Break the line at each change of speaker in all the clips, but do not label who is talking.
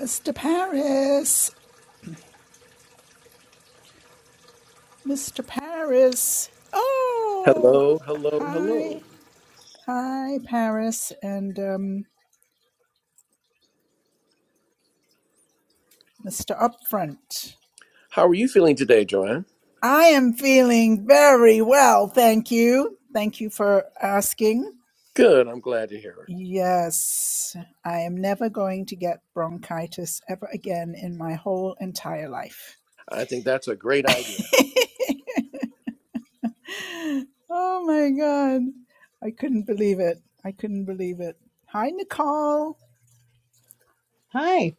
Mr. Paris, Mr. Paris. Oh,
Hello, hello, hello.
hi, hi, Paris, and um, Mr. Upfront.
How are you feeling today, Joanne?
I am feeling very well, thank you. Thank you for asking.
Good, I'm glad to hear it.
Yes, I am never going to get bronchitis ever again in my whole entire life.
I think that's a great idea.
oh my God. I couldn't believe it. I couldn't believe it. Hi, Nicole.
Hi.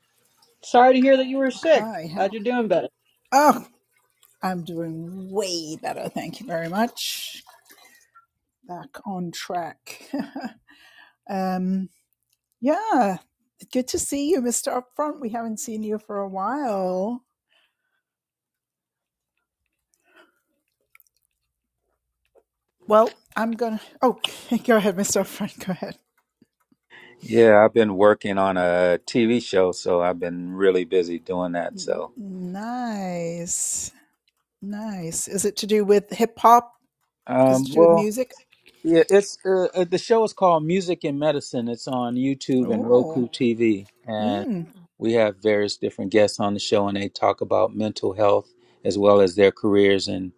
Sorry to hear that you were sick.
Hi, how
Glad you're doing better.
Oh, I'm doing way better. Thank you very much. Back on track. um, yeah, good to see you, Mr. Upfront. We haven't seen you for a while. Well, I'm gonna. Oh, go ahead, Mr. Upfront. Go ahead.
Yeah, I've been working on a TV show, so I've been really busy doing that. So,
Nice, nice. Is it to do with hip hop? Is it
um,
to do with
well,
music?
yeah, it's uh, uh, the show is called Music and Medicine. It's on YouTube and
Oh,
Roku TV, and
mm,
we have various different guests on the show, and they talk about mental health as well as their careers. And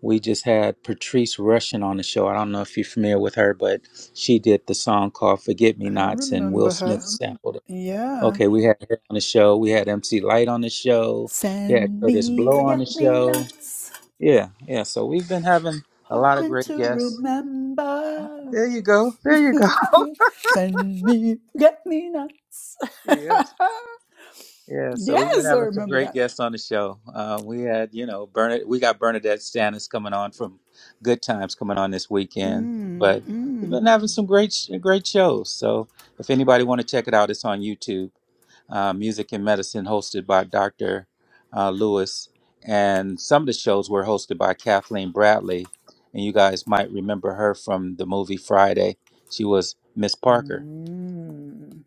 we just had Patrice Rushen on the show. I don't know if you're familiar with her, but she did the song called "Forget Me
I
Nots," and Will
remember
Smith
her.
sampled it.
Yeah.
Okay, we had her on the show. We had MC Light on the show. We had
Send
Curtis
me
Blow on the
forget me
show.
nots.
Yeah, yeah. So we've been having a lot of
hoping
great
to
guests.
remember.
There you go. There you go.
Send me, get me nuts.
yes. Yeah. So we've been
yes, I
having some
remember
great
that.
guests on the show. Uh, we had, you know, Bernadette. We got Bernadette Stannis coming on from Good Times coming on this weekend.
Mm,
But we've
mm,
been having some great, sh- great shows. So if anybody want to check it out, it's on YouTube. uh, Music and Medicine, hosted by Dr. Uh, Lewis. And some of the shows were hosted by Kathleen Bradley. And you guys might remember her from the movie Friday. She was Miss Parker.
mm.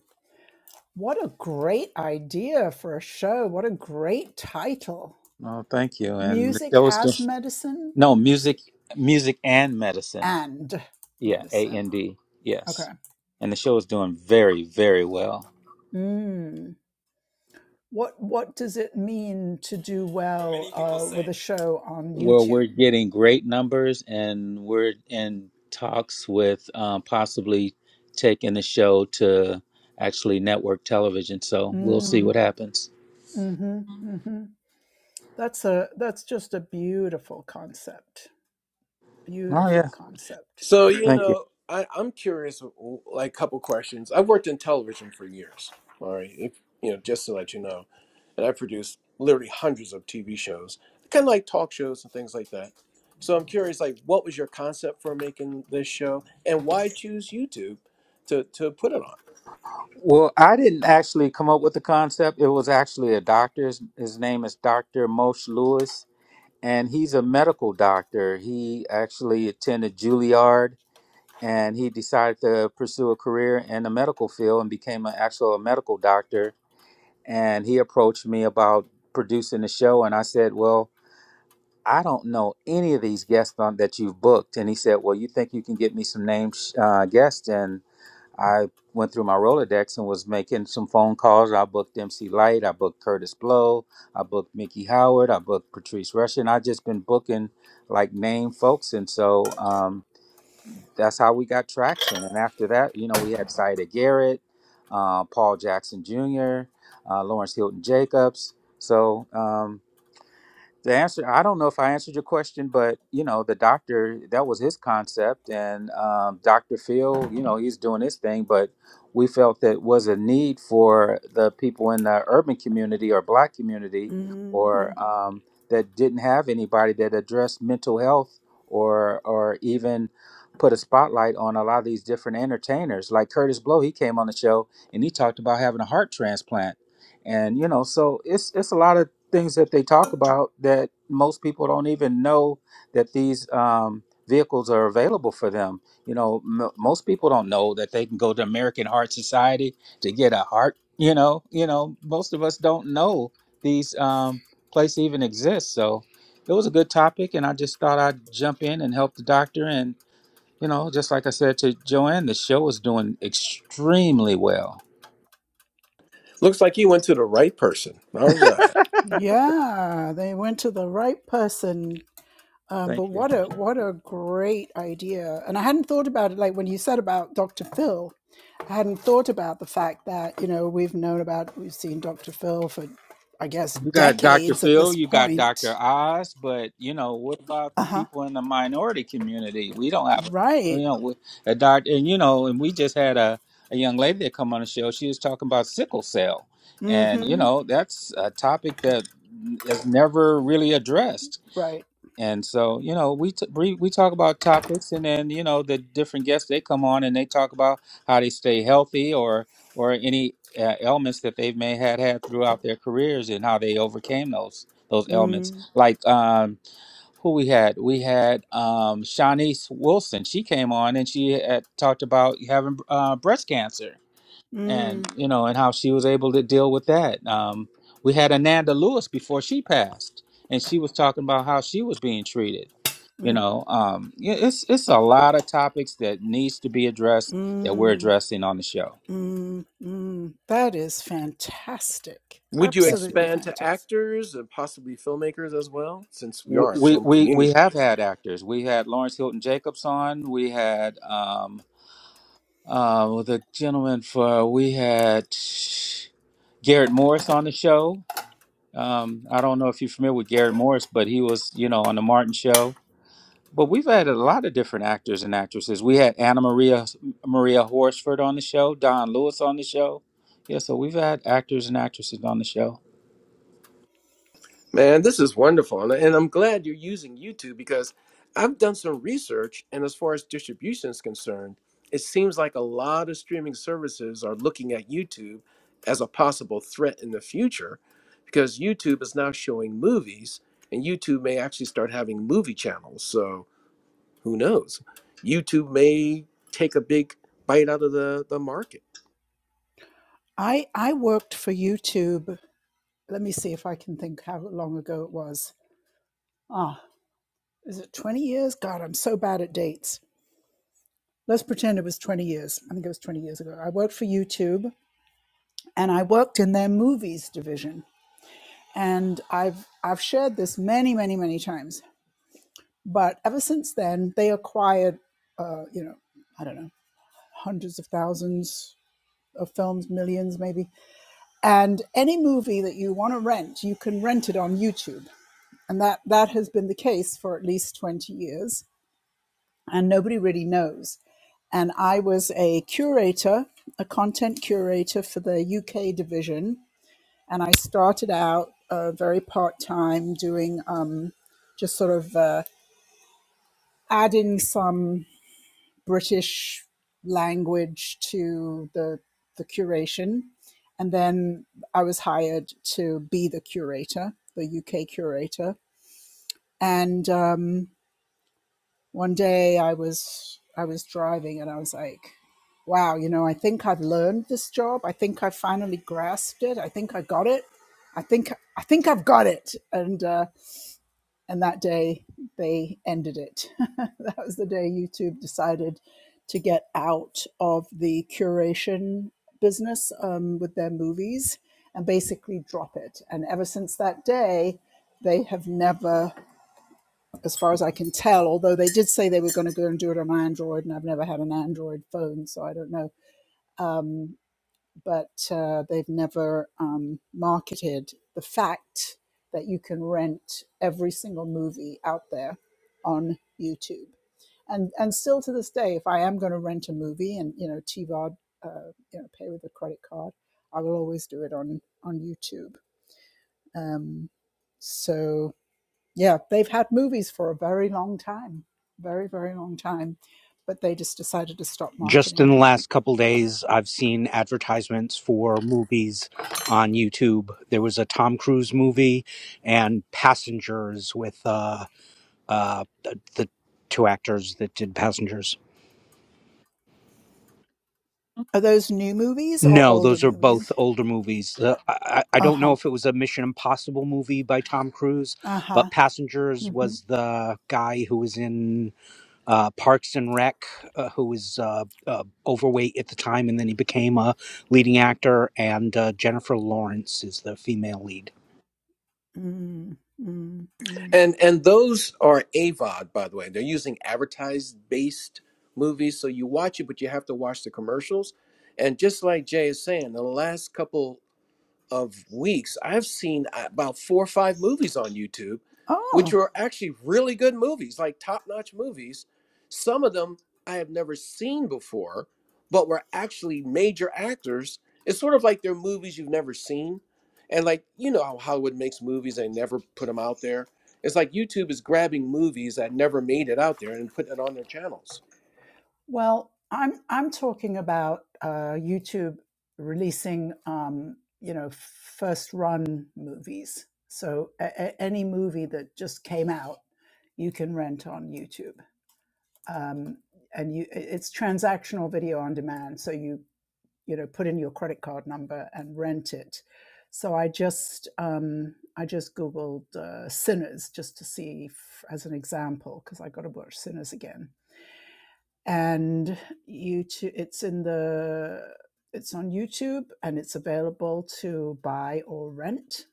What a great idea for a show. What a great title.
Oh, thank you. And the
Music
show was
as
just,
medicine.
no,
Let me see.
Music, Music and Medicine.
And
Yeah, A
medicine.
and D. Yes.
Okay.
And the show is doing very, very well.
Mm. What what does it mean to do well uh, with a show on
where we're
YouTube?
getting great numbers and we're in talks with um, possibly taking the show to actually network television. So we'll
Mm.
see what happens.
hmm hmm That's a that's just a beautiful concept.
Oh yeah,
Beautiful concept.
So, you
thank you.
know, I, I'm curious, like, a couple questions. I've worked in television for years, all right, if, you know, just to let you know. And i produced literally hundreds of TV shows, kind of like talk shows and things like that. So I'm curious, like, what was your concept for making this show and why choose YouTube to, to put it on?
Well, I didn't actually come up with the concept. It was actually a doctor. his name is Dr. Moshe Lewis, and he's a medical doctor. He actually attended Juilliard, and he decided to pursue a career in the medical field and became an actual medical doctor and he approached me about producing the show and I said, "Well, I don't know any of these guests on that you've booked." And he said, "Well, you think you can get me some names uh, guests?" And I went through my Rolodex and was making some phone calls. I booked MC Light, I booked Curtis Blow, I booked Mickey Howard, I booked Patrice Rushen. I just been booking like name folks, and so um, that's how we got traction. And after that, you know, we had Zaida Garrett, uh, Paul Jackson Jr., uh, Lawrence Hilton Jacobs. So, um, the answer, I don't know if I answered your question, but you know, the doctor, that was his concept. And um, Dr. Phil, you know, he's doing his thing, but we felt that was a need for the people in the urban community or black community
hmm
or um, that didn't have anybody that addressed mental health or, or even put a spotlight on a lot of these different entertainers. Like Curtis Blow, he came on the show and he talked about having a heart transplant. And you know, so it's it's a lot of things that they talk about that most people don't even know that these um, vehicles are available for them. You know, m- most people don't know that they can go to American Heart Society to get a heart. You know, you know, most of us don't know these um, places even exist. So it was a good topic, and I just thought I'd jump in and help the doctor. And you know, just like I said to Joanne, the show is doing extremely well.
Looks like you went to the right person. All right.
Yeah, they went to the right person. Um,
Thank
but
you.
what a what a great idea! And I hadn't thought about it. Like when you said about Dr. Phil, I hadn't thought about the fact that you know we've known about we've seen Dr. Phil for I guess
You got Dr.
decades at
Phil,
this
you got Dr.
point.
Oz, but you know, what about
Uh
the
huh.
people in the minority community? We don't have, you
Right.
know, a doctor, and you know, and we just had a, a young lady that come on the show. She was talking about sickle cell,
Mm
and you
hmm
know, that's a topic that is never really addressed
Right.
and so, you know, we, t- we we talk about topics, and then you know the different guests they come on and they talk about how they stay healthy or or any uh, ailments that they may had had throughout their careers and how they overcame those those ailments. Like um, who we had, we had um, Shanice Wilson. She came on and she had talked about having uh, breast cancer, and
Mm-hmm.
you know, and how she was able to deal with that. Um, we had Ananda Lewis before she passed, and she was talking about how she was being treated you know um yeah, it's it's a lot of topics that needs to be addressed that we're
Mm,
addressing on the show
mm, mm. That is fantastic.
Would you
Thank you.
Absolutely
expand to
fantastic.
actors and possibly filmmakers as well, since we
we
are a
we
film
we we
community
have had
here?
actors we had lawrence hilton jacobs on we had um uh the gentleman for we had garrett morris on the show um i don't know if you're familiar with garrett morris but he was you know on the martin show But we've had a lot of different actors and actresses. We had Anna Maria Maria Horsford on the show, Don Lewis on the show. Yeah, so we've had actors and actresses on the show.
Man, this is wonderful. And and I'm glad you're using YouTube because I've done some research. And as far as distribution is concerned, it seems like a lot of streaming services are looking at YouTube as a possible threat in the future because YouTube is now showing movies, and YouTube may actually start having movie channels. So who knows? YouTube may take a big bite out of the, the market.
I, I worked for YouTube. Let me see if I can think how long ago it was. Ah, is it 20 years? God, I'm so bad at dates. Let's pretend it was 20 years. I think it was 20 years ago. I worked for YouTube and I worked in their movies division. And I've I've shared this many, many, many times. But ever since then, they acquired uh, you know, I don't know, hundreds of thousands, of films, millions maybe. And any movie that you want to rent, you can rent it on YouTube. And that, that has been the case for at least 20 years. And nobody really knows. And I was a curator, a content curator for the UK division. And I started out uh, very part time doing um, just sort of uh, adding some. British language to the the curation, and then I was hired to be the curator, the UK curator. And um, one day I was I was driving, and I was like, "Wow, you know, I think I've learned this job. I think I finally grasped it. I think I got it. I think I think I've got it." And uh, and that day they ended it. that was the day YouTube decided to get out of the curation business um, with their movies and basically drop it. And ever since that day, they have never, as far as I can tell, although they did say they were going to go and do it on Android, and I've never had an Android phone, so I don't know. Um, but uh, they've never um, marketed the fact that you can rent every single movie out there on YouTube. And and still to this day, if I am going to rent a movie and you know TVOD, uh, you know, pay with a credit card, I will always do it on on YouTube. Um, so yeah, they've had movies for a very long time, very, very long time, but they just decided to stop
Just
marketing
in
it.
the last couple days, I've seen advertisements for movies on YouTube. There was a Tom Cruise movie and Passengers with uh, uh, the, the two actors that did Passengers.
Are those new movies or
No,
older
those are both
movies?
older movies. The, I, I I
Uh
don't know
huh.
if it was a Mission Impossible movie by Tom Cruise,
Uh
but
huh.
Passengers
Mm-hmm.
was the guy who was in uh, Parks and Rec, uh, who was uh, uh, overweight at the time, and then he became a leading actor. And uh, Jennifer Lawrence is the female lead.
Mm-hmm. Mm-hmm.
And and those are AVOD, by the way. They're using advertised based movies, so you watch it, but you have to watch the commercials. And just like Jay is saying, the last couple of weeks, I've seen uh, about four or five movies on YouTube,
Oh.
which are actually really good movies, like top notch movies. Some of them I have never seen before, but were actually major actors. It's sort of like they're movies you've never seen. And like, you know how Hollywood makes movies and never put them out there. It's like YouTube is grabbing movies that never made it out there and putting it on their channels.
Well, I'm I'm talking about uh, YouTube releasing, um, you know, first run movies. So a- a- any movie that just came out, you can rent on YouTube, um, and you i- it's transactional video on demand. So you you know put in your credit card number and rent it. So I just um, I just googled uh, Sinners just to see if, as an example because I got to watch Sinners again and YouTube. It's in the it's on YouTube and it's available to buy or rent.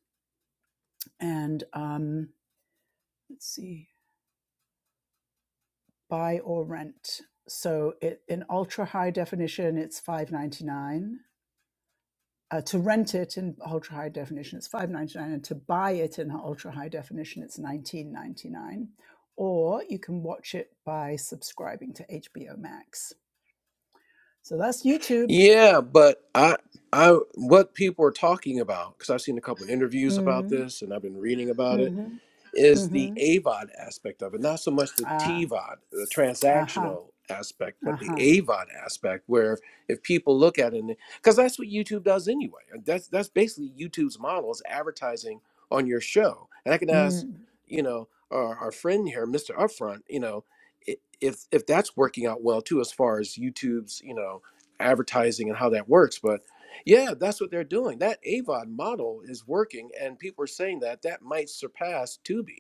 And um, let's see, buy or rent. So it, in ultra high definition, it's five ninety nine. Uh, to rent it in ultra high definition, it's five ninety nine, and to buy it in ultra high definition, it's nineteen ninety nine. Or you can watch it by subscribing to HBO Max. So that's YouTube.
Yeah, but I, I, what people are talking about, because I've seen a couple of interviews about
Mm,
this, and I've been reading about it
hmm
is the AVOD aspect of it, not so much the
Ah,
TVOD, the
uh-huh,
transactional aspect, but the
uh-huh.
AVOD aspect, where if people look at it, because that's what YouTube does anyway. That's that's basically YouTube's model is advertising on your show. And I can ask,
Mm,
you know, our, our friend here, Mr. Upfront, you know, i- if if that's working out well too, as far as YouTube's, you know, advertising and how that works. But yeah, that's what they're doing. That AVOD model is working, and people are saying that that might surpass Tubi.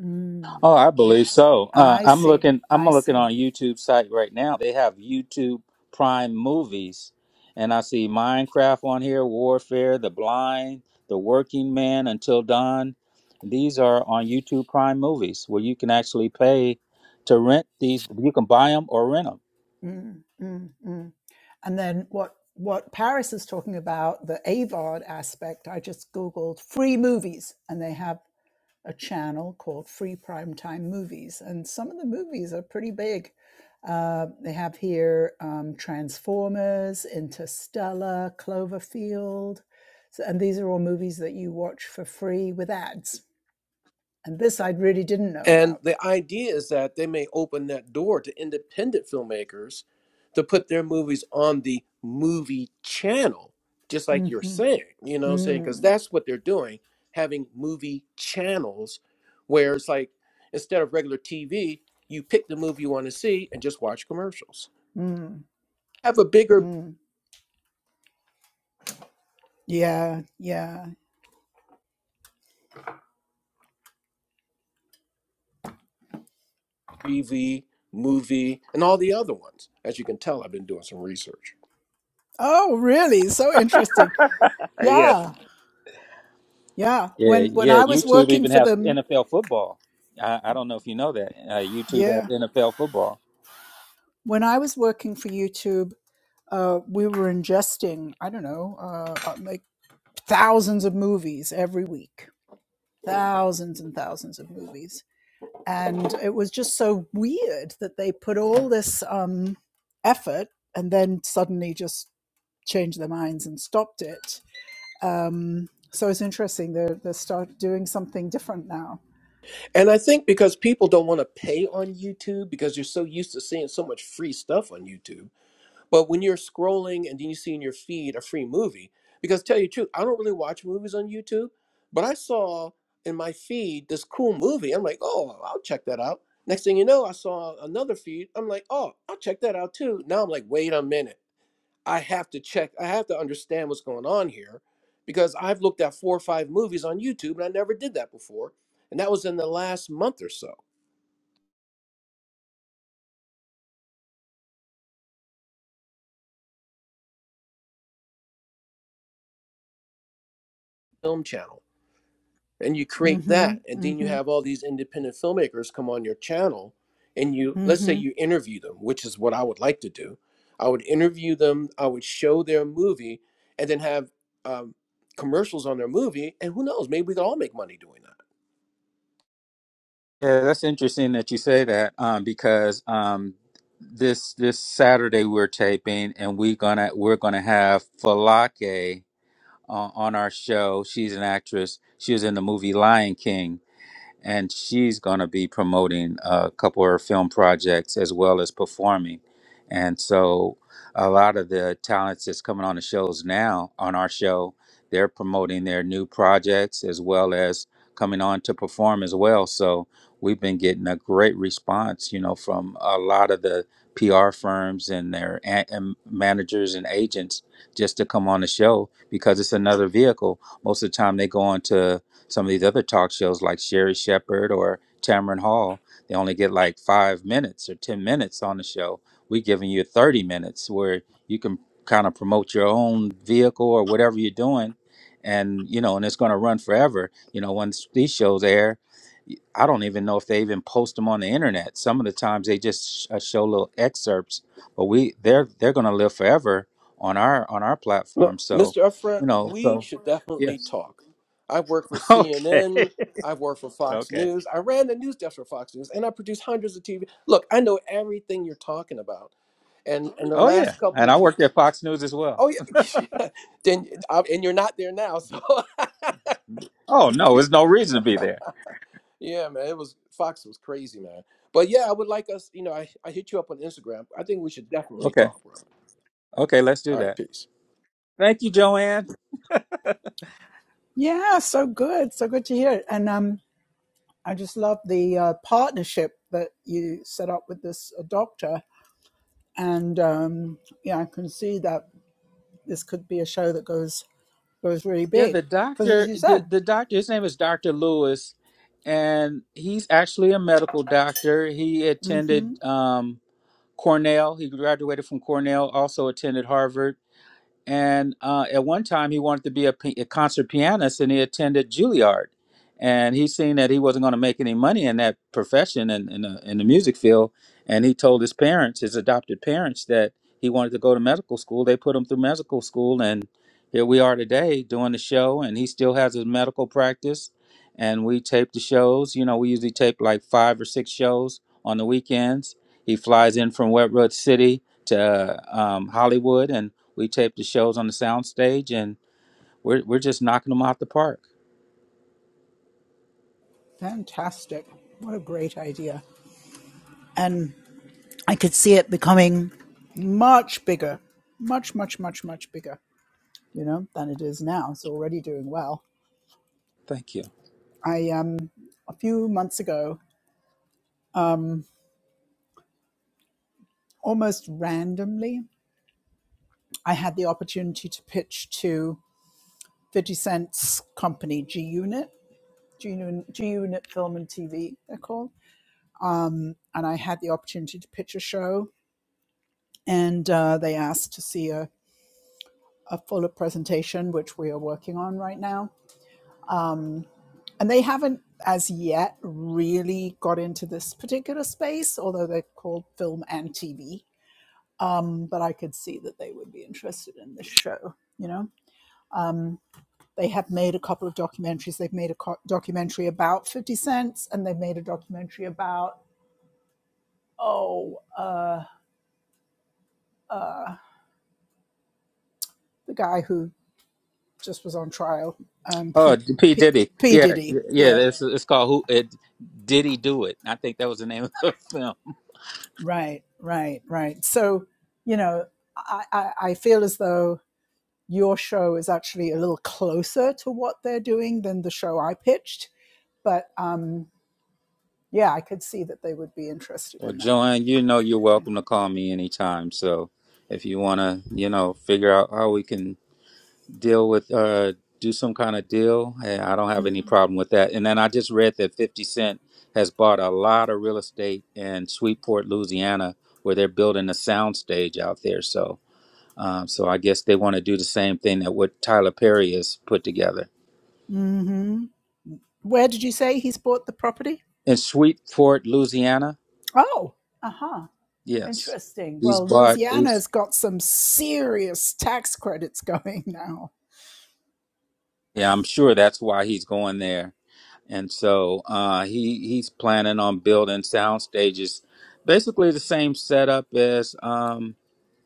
mm.
Oh, I believe so. Uh,
I
I'm
see,
looking. I'm
I
looking
see.
on YouTube site right now. They have YouTube Prime movies, and I see Minecraft on here, Warfare, The Blind, The Working Man, Until Dawn. These are on YouTube Prime movies, where you can actually pay to rent these. You can buy them or rent them.
Mm, mm, mm. And then what what Paris is talking about, the AVOD aspect, I just Googled free movies and they have a channel called Free Primetime Movies. And some of the movies are pretty big. Uh, they have here um, Transformers, Interstellar, Cloverfield. So, and these are all movies that you watch for free with ads And this I really didn't know
And
about.
the idea is that they may open that door to independent filmmakers to put their movies on the movie channel, just like you're
Mm-hmm.
saying, you know what I'm saying? Because
Mm,
that's what they're doing, having movie channels where it's like instead of regular TV, you pick the movie you want to see and just watch commercials.
mm,
Have a bigger
mm. Yeah, yeah.
TV, movie, and all the other ones. As you can tell, I've been doing some research.
Oh, really? So interesting.
Yeah,
Yeah, yeah.
Yeah,
When when
yeah.
I was
YouTube
working
even
for
has
them,
NFL football. I, I don't know if you know that. Uh, YouTube has
yeah.
NFL football.
When I was working for YouTube, uh, we were ingesting I don't know, uh, uh, like thousands of movies every week, thousands and thousands of movies, and it was just so weird that they put all this um, effort and then suddenly just changed their minds and stopped it. Um, so it's interesting. They're they start doing something different now.
And I think because people don't want to pay on YouTube because you're so used to seeing so much free stuff on YouTube. But when you're scrolling and then you see in your feed a free movie, because tell you the truth, I don't really watch movies on YouTube, but I saw in my feed this cool movie. I'm like, oh, I'll check that out. Next thing you know, I saw another feed. I'm like, oh, I'll check that out too. Now I'm like, wait a minute. I have to check, I have to understand what's going on here because I've looked at four or five movies on YouTube and I never did that before. And that was in the last month or so, Film Channel. and you create
Mm-hmm.
that and then you
Mm-hmm.
have all these independent filmmakers come on your channel and you let's say
Mm-hmm.
you interview them which is what i would like to do i would interview them i would show their movie and then have um, commercials on their movie and who knows maybe we could all make money doing that
Yeah, that's interesting that you say that um, because um, this this Saturday we're taping and we gonna we're gonna have Falake on, on our show. She's an actress. She was in the movie Lion King, and she's going to be promoting a couple of her film projects as well as performing. And so, a lot of the talents that's coming on the shows now on our show, they're promoting their new projects as well as coming on to perform as well. So we've been getting a great response, you know, from a lot of the PR firms and their a- and managers and agents just to come on the show because it's another vehicle. Most of the time, they go on to some of these other talk shows like Sherry Shepherd or Tamron Hall, they only get like five minutes or 10 minutes on the show. We're giving you 30 minutes where you can kind of promote your own vehicle or whatever you're doing. And, you know, and it's going to run forever. You know, once these shows air, I don't even know if they even post them on the internet. Some of the times they just uh, show little excerpts, but we they're they're going to live forever on our on our
Look,
platform. So,
Mr. Upfront,
you know,
we
so
should definitely
yes.
talk. I've worked for
okay,
CNN. I've worked for Fox
Okay.
News. I ran the news desk for Fox News, and I produced hundreds of TV. Look, I know everything you're talking about. And in the
Oh yeah,
last couple
and I worked
weeks,
at Fox News as well.
oh yeah, yeah. then I, and you're not there now, so
Oh no, there's no reason to be there.
yeah, man, it was Fox was crazy, man. But yeah, I would like us, you know, I, I hit you up on Instagram. I think we should definitely
Okay,
talk, brother.
okay, let's do
All right,
that.
peace.
Thank you, Joanne.
Yeah. So good. So good to hear it. And um, I just love the uh, partnership that you set up with this uh, doctor. And um, yeah, I can see that this could be a show that goes goes really
Yeah,
big
the
because, as
doctor,
you
the
said,
the doctor, his name is Doctor Lewis, and he's actually a medical doctor. He attended
mm-hmm,
um, Cornell. He graduated from Cornell. Also attended Harvard and uh, at one time he wanted to be a, pi- a concert pianist and he attended juilliard and he seen that he wasn't going to make any money in that profession and in, in, the- in the music field and he told his parents his adopted parents that he wanted to go to medical school they put him through medical school and here we are today doing the show and he still has his medical practice and we tape the shows you know we usually tape like five or six shows on the weekends he flies in from wet road city to uh, um, hollywood and we tape the shows on the soundstage, and we're we're just knocking them out the park.
fantastic. What a great idea. And I could see it becoming. much bigger, much, much, much, much bigger, you know, than it is now. It's already doing well.
Thank you.
I um a few months ago, almost randomly, I had the opportunity to pitch to 50 Cent's company, G Unit, G Unit G Unit Film and TV, they're called. And I had the opportunity to pitch a show, and uh, they asked to see a, a fuller presentation, which we are working on right now and they haven't as yet really got into this particular space although they're called film and tv um, but i could see that they would be interested in this show you know they have made a couple of documentaries they've made a co- documentary about 50 cents and they've made a documentary about oh uh, the guy who just was on trial um,
Oh,
p,
P
p,
Diddy.
p
Yeah,
diddy
yeah.
yeah
It's it's called Who it, Diddy Do It. I think that was the name of the film.
right right right so you know I, I, I feel as though your show is actually a little closer to what they're doing than the show I pitched. But um, yeah, I could see that they would be interested
Well,
in that.
Joanne, you know you're welcome to call me anytime. So if you want to, you know, figure out how we can deal with, uh, do some kind of deal, eh, I don't have any
Mm-hmm.
problem with that. And then I just read that 50 Cent has bought a lot of real estate in Sweetport, Louisiana, where they're building a sound stage out there. So Um, so I guess they want to do the same thing that what Tyler Perry has put together
Mm-hmm. Where did you say he's bought the property?
in Sweetport, Louisiana.
Oh, uh huh.
Yes,
Interesting.
he's
Well,
bought. He's,
Louisiana's got some serious tax credits going now.
yeah, I'm sure that's why he's going there. And so uh, he he's planning on building sound stages, basically the same setup as um,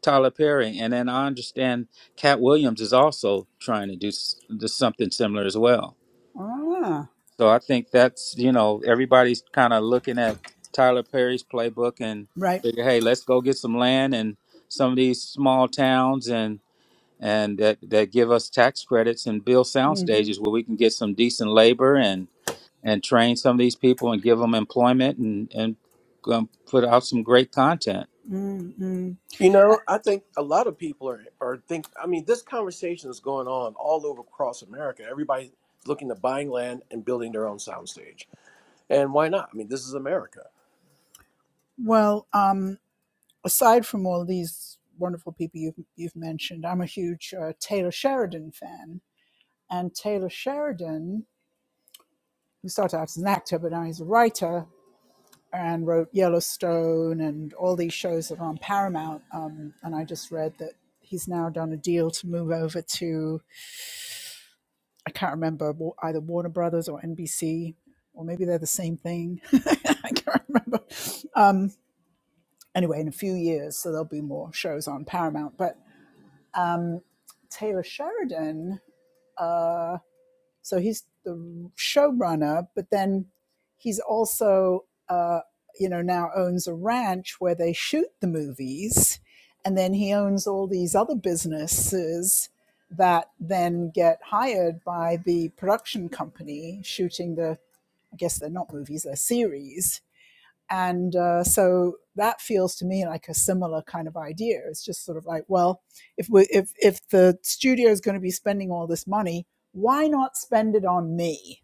Tyler Perry. And then I understand Cat Williams is also trying to do, s- do something similar as well.
Ah,
So I think that's you know everybody's kind of looking at Tyler Perry's playbook and
right.
figure, hey, let's go get some land and some of these small towns and and that that give us tax credits and build sound
Mm-hmm.
stages where we can get some decent labor and and train some of these people and give them employment and and um, put out some great content.
Mm-hmm.
You
Uh,
know, I think a lot of people are are think. I mean, this conversation is going on all over across America. Everybody's looking to buying land and building their own soundstage, and why not? I mean, this is America.
well, um, aside from all these wonderful people you've, you've mentioned, I'm a huge uh, Taylor Sheridan fan And Taylor Sheridan, who started out as an actor, but now he's a writer and wrote Yellowstone and all these shows that are on Paramount. Um, and I just read that he's now done a deal to move over to, I can't remember, either Warner Brothers or NBC, or maybe they're the same thing. I can't remember. Um, anyway, in a few years, so there'll be more shows on Paramount. But um, Taylor Sheridan. uh, So he's the showrunner, but then he's also, uh, you know, now owns a ranch where they shoot the movies. And then he owns all these other businesses that then get hired by the production company shooting the, I guess they're not movies, they're series and uh, so that feels to me like a similar kind of idea. It's just sort of like, well, if we, if if the studio is going to be spending all this money, why not spend it on me?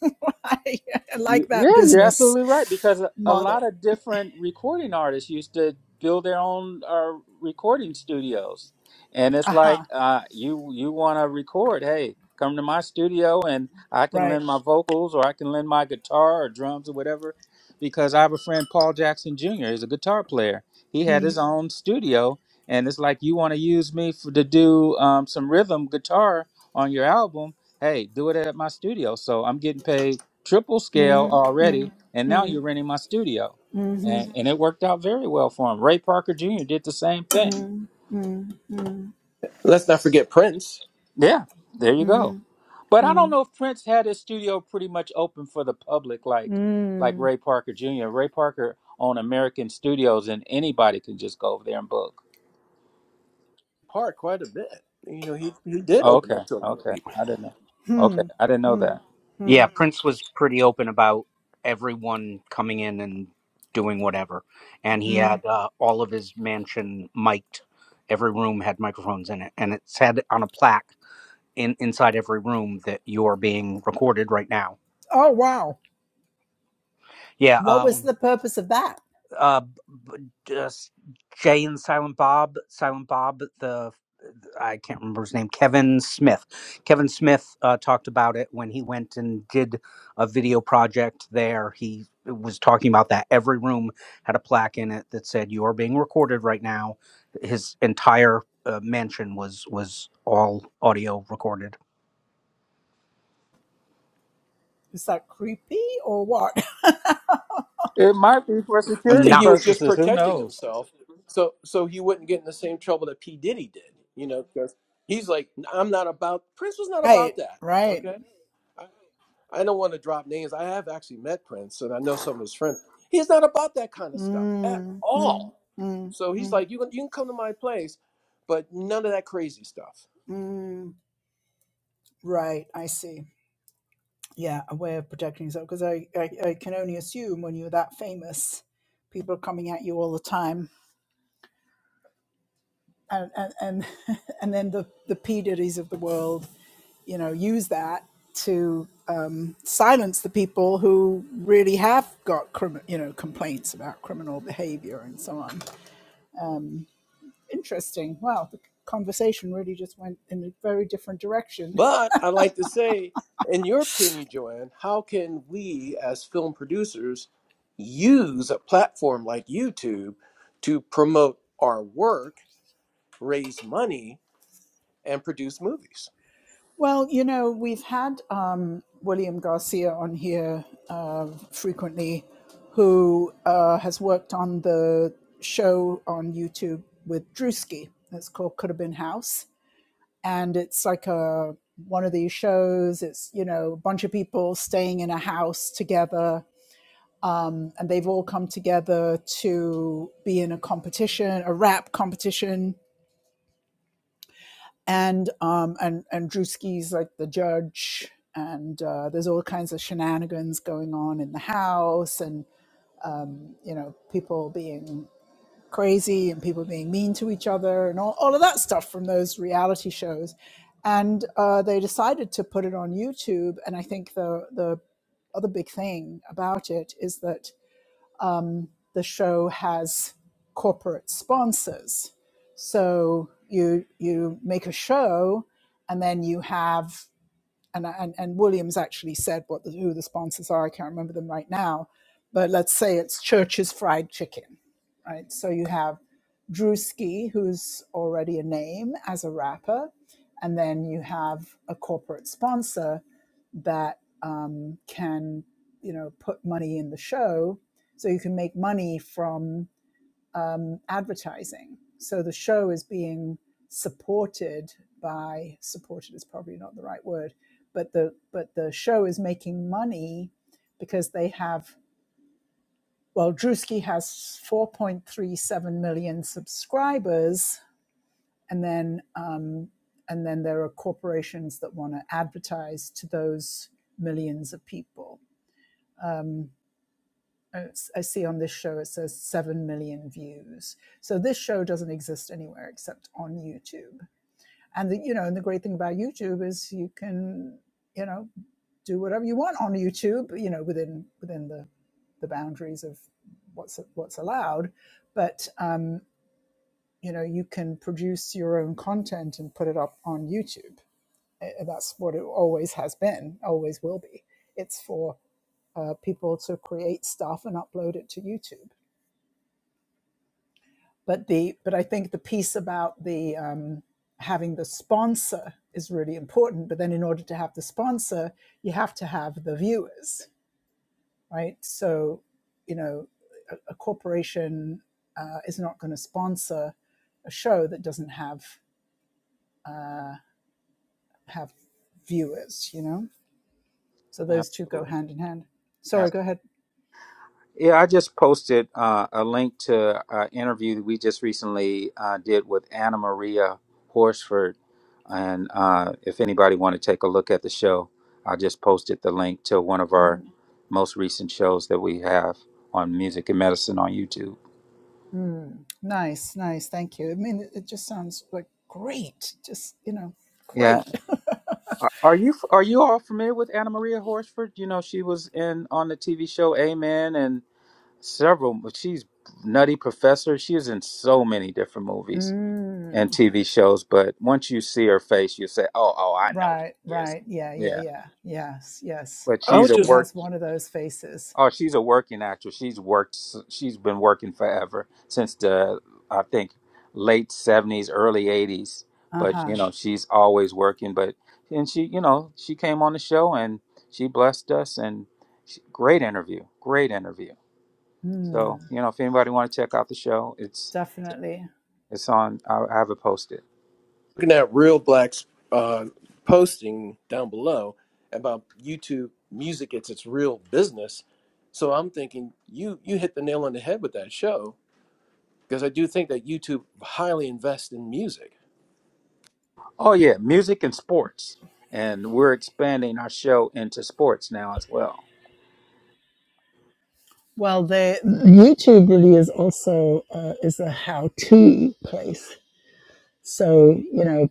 I
Y-
like that
Yeah, you're
business
absolutely right because a a lot
model.
of different recording artists used to build their own uh, recording studios, and it's
Aha,
like
uh-huh,
uh, you you want to record, hey, come to my studio and I can
right.
lend my vocals or I can lend my guitar or drums or whatever. Because I have a friend, Paul Jackson Jr. He's a guitar player. He had
Mm,
his own studio, and it's like you want to use me for, to do um, some rhythm guitar on your album. Hey, do it at my studio. So I'm getting paid triple scale
mm,
already,
mm,
and now
mm,
you're renting my studio.
mhm,
And, and it worked out very well for him. Ray Parker Jr. did the same thing.
mm, mm, mm, mm, mm,
Let's not forget Prince
Yeah, there you go. But I don't know if Prince had his studio pretty much open for the public like like
mm,
Ray Parker Jr. Ray Parker owned American Studios, and anybody can just go over there and book.
part quite a bit. You know, he he did
Oh,
open
Okay,
up to a lot of
okay,
people.
I didn't know. Okay,
hmm,
I didn't know
hmm,
that.
Yeah,
hmm,
Prince was pretty open about everyone coming in and doing whatever, and he
hmm.
had uh, all of his mansion mic'd. Every room had microphones in it, and it said on a plaque in inside every room that you're being recorded right now.
Oh, wow.
Yeah,
What was
um,
the purpose of that?
uh just jay and silent bob silent bob the i can't remember his name kevin smith kevin smith uh, talked about it when he went and did a video project there he was talking about that every room had a plaque in it that said you are being recorded right now his entire uh, mansion was was all audio recorded
Is that creepy or what?
It might be for
I
security
think he
not
was just
purposes. Who
protecting
knows?
himself, so so he wouldn't get in the same trouble that P Diddy did. You know, because he's like, I'm not about Prince was not
Right,
about that.
right.
Okay, I don't want to drop names. I have actually met Prince and I know some of his friends. He's not about that kind of stuff at
Mm, mm,
all.
mm, mm,
So he's
mm.
like, you can, you can come to my place, but none of that crazy stuff.
mm. Right, I see. Yeah, a way of protecting yourself because I, I, I can only assume when you're that famous, people are coming at you all the time, and and and, and then the the P Diddy's of the world, you know, use that to um, silence the people who really have got crim- you know complaints about criminal behavior and so on. Um, Interesting. Wow, the conversation really just went in a very different direction.
But I'd like to say, in your opinion, Joanne, how can we as film producers use a platform like YouTube to promote our work, raise money, and produce movies.
Well, you know, we've had um, William Garcia on here uh, frequently, who uh, has worked on the show on YouTube with Drewski. It's called Could Have Been House, and it's like a one of these shows. It's you know a bunch of people staying in a house together, and they've all come together to be in a competition, a rap competition, and um and and Drewski's like the judge, and uh, there's all kinds of shenanigans going on in the house, and you know people being crazy and people being mean to each other, and all, all of that stuff from those reality shows, and uh, they decided to put it on YouTube, and I think the the other big thing about it is that um, the show has corporate sponsors. So you you make a show, and then you have and and, and Williams actually said what the, who the sponsors are. I can't remember them right now, but let's say it's Church's Fried Chicken, right? So you have Drewski, who's already a name as a rapper, and then you have a corporate sponsor that um, can you know put money in the show, so you can make money from um, advertising. So the show is being supported by supported is probably not the right word, but the but the show is making money because they have well Drewski has 4.37 million subscribers, and then um, and then there are corporations that want to advertise to those millions of people. Um, I see on this show it says 7 million views. So this show doesn't exist anywhere except on YouTube. And the, you know, and the great thing about YouTube is you can, you know, do whatever you want on YouTube, you know, within within the the boundaries of what's what's allowed, but um, you know, you can produce your own content and put it up on YouTube. Eh, That's what it always has been, always will be. It's for uh, people to create stuff and upload it to YouTube but the but I think the piece about the um, having the sponsor is really important. But then in order to have the sponsor, you have to have the viewers, right? So, you know, a, a corporation uh, is not going to sponsor a show that doesn't have uh, have viewers, you know. So those two go
Absolutely,
hand in hand. Sorry, go ahead.
Yeah, I just posted uh, a link to an interview that we just recently uh, did with Anna Maria Horsford. And uh, if anybody want to take a look at the show, I just posted the link to one of our
Mm,
most recent shows that we have on music and medicine on YouTube.
mm. Nice, nice. Thank you. I mean, it, it just sounds like great. Just you know,
Yeah,
great.
are are you are you all familiar with Anna Maria Horsford? You know she was in on the TV show Amen and several. She's Nutty Professor. She is in so many different movies. and
Mm,
TV shows, but once you see her face, you say, "Oh, oh, I know who
right,
she is."
right. Yeah, yeah,
Yeah,
yeah. Yes, yes.
but
I was
she's a
She
just
work.
has one of those faces.
Oh, she's a working actress. She's worked. s- She's been working forever since the I think late seventies, early eighties.
Uh
But
huh.
you know, she's always working. But and she, you know, she came on the show and she blessed us. And she, great interview, great interview. So
Mm,
you know, if anybody want to check out the show, it's
definitely.
it's on. I, I have it posted.
looking at Real Black's uh, posting down below about YouTube music. It's its real business. So I'm thinking you you hit the nail on the head with that show because I do think that YouTube highly invests in music.
Oh yeah, music and sports, and we're expanding our show into sports now as well.
Well, the YouTube really is also uh, is a how-to place. So you know,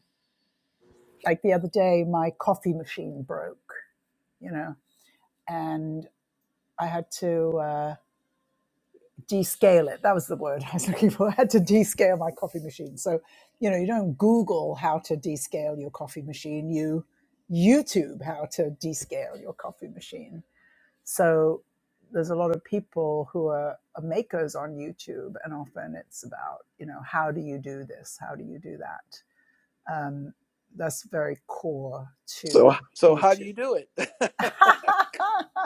Like the other day, my coffee machine broke, you know, and I had to. Uh, descale it. That was the word I was looking for. I had to descale my coffee machine. So, you know, you don't Google how to descale your coffee machine. You YouTube how to descale your coffee machine. So there's a lot of people who are, are makers on YouTube, and often it's about, you know, how do you do this? How do you do that? Um, that's very core to
So so how do you
YouTube.
do it,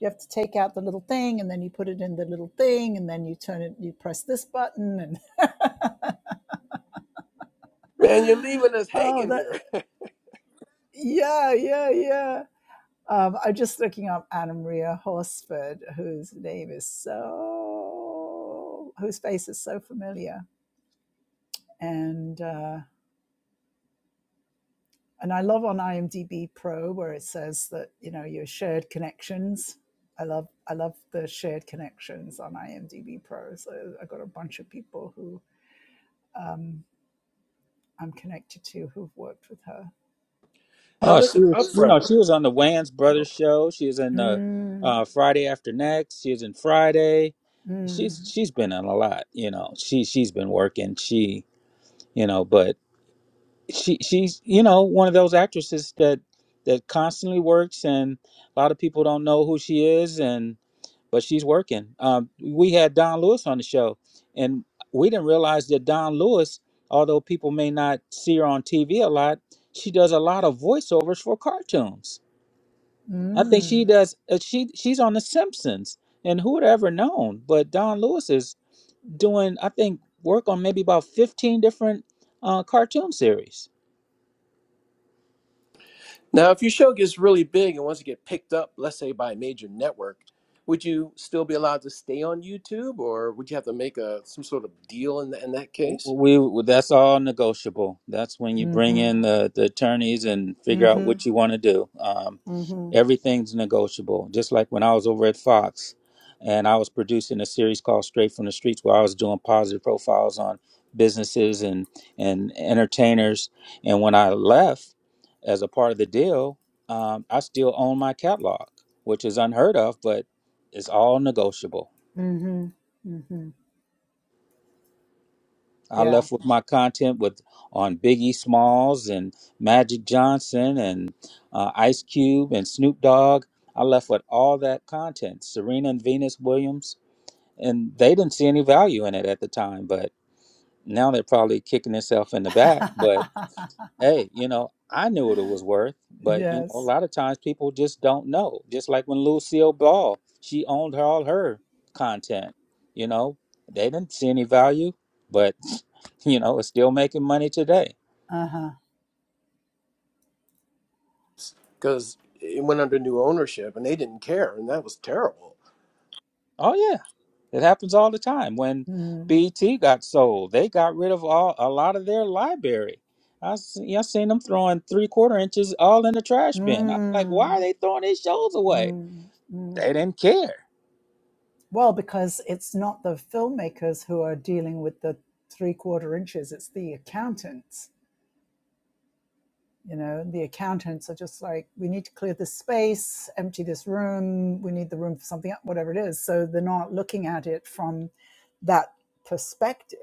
you have to take out the little thing and then you put it in the little thing and then you turn it you press this button and
man? You're leaving us
oh
hanging
that
here
yeah yeah yeah um, i'm just looking up anna maria horsford whose name is so whose face is so familiar and uh, and i love on imdb pro where it says that you know your shared connections I love I love the shared connections on IMDb Pro. So I got a bunch of people who um, I'm connected to who've worked with her.
now,
Oh,
Mister
she was, you
Upfront.
know, she was on the Wayans Brothers show. She was in the
Mm,
uh, Friday After Next. She was in Friday.
mm,
She's she's been on a lot, you know. She she's been working. She you know, but she she's you know one of those actresses that that constantly works, and a lot of people don't know who she is, and. but she's working. Um, we had Don Lewis on the show, and we didn't realize that Don Lewis, although people may not see her on TV a lot, she does a lot of voiceovers for cartoons. I think she
mm,
does. Uh, she she's on The Simpsons, and who would have ever known? But Don Lewis is doing, I think, work on maybe about fifteen different uh, cartoon series.
Now, if your show gets really big and wants to get picked up, let's say by a major network, would you still be allowed to stay on YouTube, or would you have to make a some sort of deal in, th- in that case?
We that's all negotiable. That's when you bring
mm-hmm,
in the, the attorneys and figure out
mm-hmm,
what you want to do. Um,
mm-hmm,
everything's negotiable. Just like when I was over at Fox, and I was producing a series called Straight from the Streets, where I was doing positive profiles on businesses and and entertainers. And when I left, as a part of the deal, um, I still own my catalog, which is unheard of, but it's all negotiable.
mm-hmm, mm-hmm.
I
Yeah.
left with my content with on Biggie Smalls and Magic Johnson and uh, Ice Cube and Snoop Dogg. I left with all that content, Serena and Venus Williams, and they didn't see any value in it at the time. But now they're probably kicking themselves in the back. But hey, you know, I knew what it was worth, but you know, a
yes.
lot of times people just don't know. Just like when Lucille Ball, she owned her, all her content. You know, they didn't see any value, but you know, it's still making money today.
Uh-huh.
Because it went under new ownership, and they didn't care, and that was terrible.
Oh yeah, it happens all the time. When
Mm,
BT got sold, they got rid of all a lot of their library. I seen, I seen them throwing three quarter inches all in the trash bin. I was like, why
mm,
are they throwing these shows away?
mm, mm.
They didn't care
Well, because it's not the filmmakers who are dealing with the three quarter inches, it's the accountants you know the accountants are just like we need to clear this space empty this room we need the room for something whatever it is so they're not looking at it from that perspective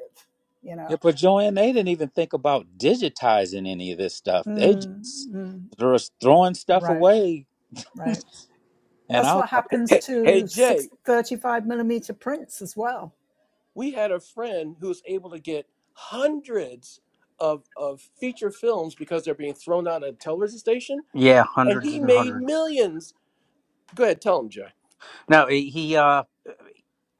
you
Yeah,
know
but Joanne, they didn't even think about digitizing any of this stuff. They
mm,
just
mm,
they was throwing stuff
right
away,
right
and
that's
I was
what
like,
happens
Hey, hey,
to
Jay,
six 35 millimeter prints as well
we had a friend who was able to get hundreds of of feature films because they're being thrown out of a television station,
yeah
and
hundreds
he
and
made
hundreds
millions. Go ahead, tell him, Jay.
no he, uh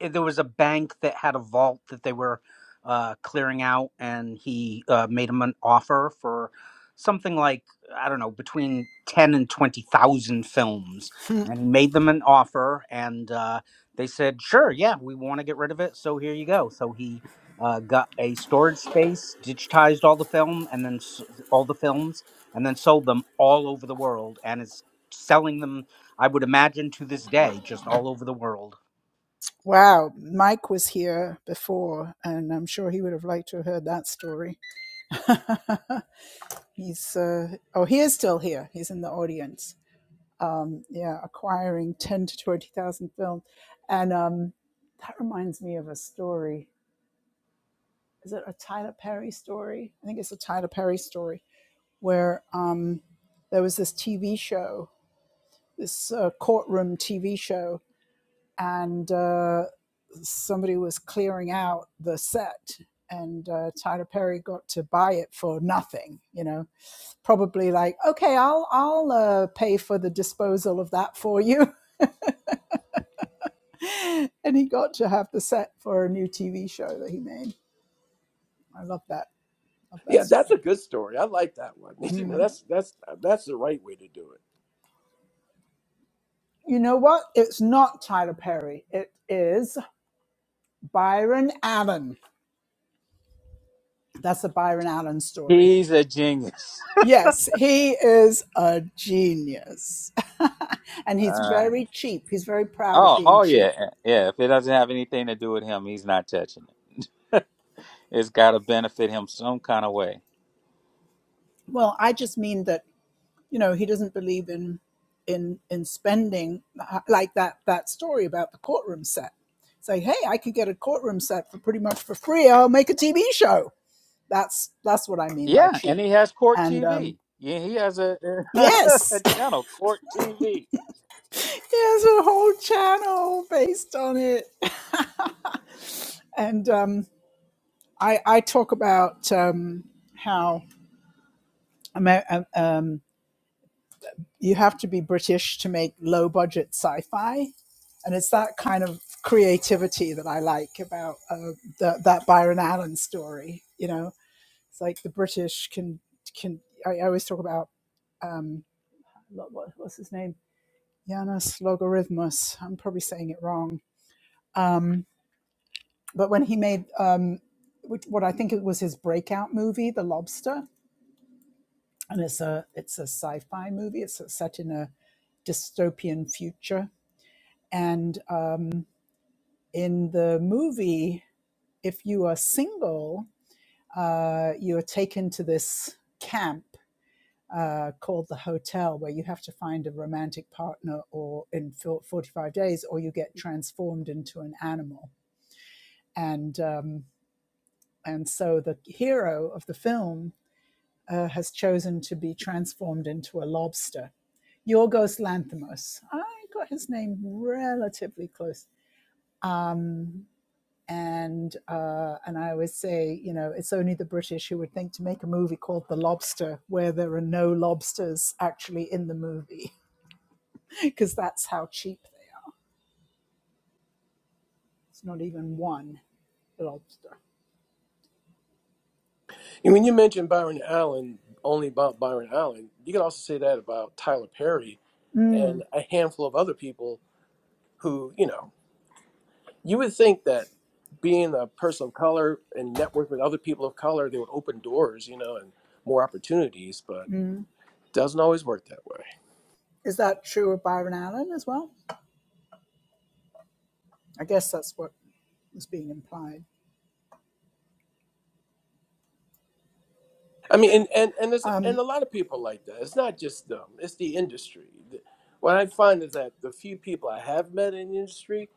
eh, there was a bank that had a vault that they were uh, clearing out, and he uh, made him an offer for something like I don't know between ten and twenty thousand films,
Hmm,
and he made them an offer, and uh, they said, "Sure, yeah, we want to get rid of it, so here you go." So he. Uh, got a storage space, digitized all the film, and then s- all the films, and then sold them all over the world, and is selling them. I would imagine to this day, just all over the world.
wow, Mike was here before, and I'm sure he would have liked to have heard that story. He's, uh, oh, he is still here. He's in the audience. um, yeah, acquiring ten to twenty thousand films, and um, that reminds me of a story. Is it a Tyler Perry story? I think it's a Tyler Perry story where um, there was this TV show, this uh, courtroom TV show, and uh, somebody was clearing out the set. And uh, Tyler Perry got to buy it for nothing, you know, probably like, okay, I'll I'll uh, pay for the disposal of that for you, and he got to have the set for a new TV show that he made. I love that. Love that
Yeah, that's a
story.
good story. I like that one. You know, that's that's that's the right way to do it.
You know what? It's not Tyler Perry. It is Byron Allen. That's a Byron Allen story.
"He's a genius."
Yes, he is a genius. and he's
Uh,
very cheap. He's very proud of
oh,
being
oh yeah,
cheap.
yeah. If it doesn't have anything to do with him, he's not touching it. It's got to benefit him some kind of way.
Well, I just mean that you know he doesn't believe in in in spending uh, like that that story about the courtroom set say hey i could get a courtroom set for pretty much for free i'll make a tv show that's that's what i mean by
Yeah, and
cheap
he has Court
and um
TV. Yeah, he has a, a
yes
channel, Court TV,
there's a whole channel based on it and um i i talk about um how um, you have to be British to make low budget sci fi. And it's that kind of creativity that I like about uh, the, that Byron Allen story. You know, it's like the British can, can I, I always talk about, um, what, what's his name? Yanis Logarithmus. I'm probably saying it wrong. Um, but when he made um, what what I think it was his breakout movie, The Lobster, and it's a it's a sci-fi movie. It's set in a dystopian future, and uh, in the movie, if you are single, uh, you are taken to this camp uh, called the hotel where you have to find a romantic partner or in 45 days or you get transformed into an animal. And, um, and so the hero of the film uh, has chosen to be transformed into a lobster. Yorgos Lanthimos. I got his name relatively close. Um, and uh, and I always say, you know, it's only the British who would think to make a movie called The Lobster, where there are no lobsters actually in the movie, because that's how cheap they. are. It's not even one lobster.
And when you mention Byron Allen, only about Byron Allen, you can also say that about Tyler Perry
Mm,
and a handful of other people who, you know, you would think that being a person of color and network with other people of color, they would open doors, you know, and more opportunities, but
mm.
doesn't always work that way.
Is that true of Byron Allen as well? I guess that's what was being implied.
I mean, and and and there's and
Um,
a lot of people like that. It's not just them. It's the industry. Th- What I find is that the few people I have met in the industry,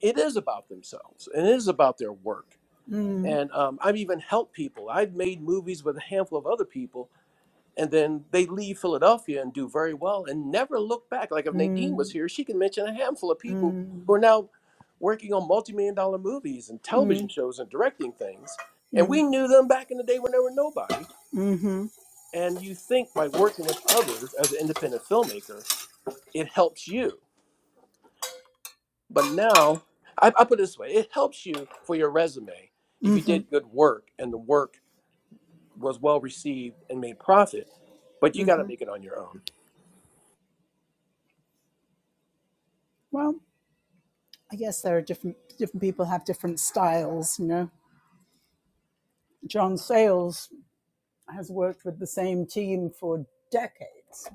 it is about themselves and it is about their work.
mm,
And um, I've even helped people. I've made movies with a handful of other people, and then they leave Philadelphia and do very well and never look back. Like if Nadine
mm,
was here, she can mention a handful of people
mm,
who are now working on multi-million dollar movies and television
mm,
shows and directing things. And
mm,
we knew them back in the day when they were nobody
mm-hmm,
and you think by working with others as an independent filmmaker, it helps you. But now, I, I put it this way it helps you for your resume if you
mm-hmm,
did good work and the work was well received and made profit, but you got to
mm-hmm.
make it on your own.
Well, I guess there are different different people have different styles, you know. John Sayles has worked with the same team for decades,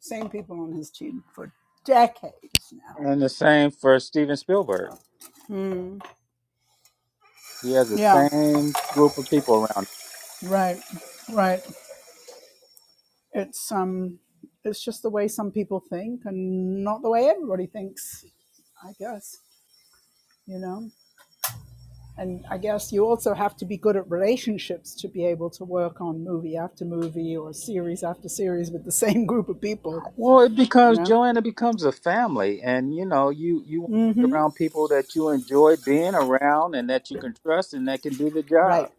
same people on his team for decades now.
and the same for Steven Spielberg. He has the
Yeah,
same group of people around.
right, right. It's um, it's just the way some people think, and not the way everybody thinks. I guess you know. And I guess you also have to be good at relationships to be able to work on movie after movie or series after series with the same group of people.
Well, it
You
becomes
know.
Joanna becomes a family, and you know, you you want
mm
to
hmm
be around people that you enjoy being around and that you can trust and that can do the
Right.
job.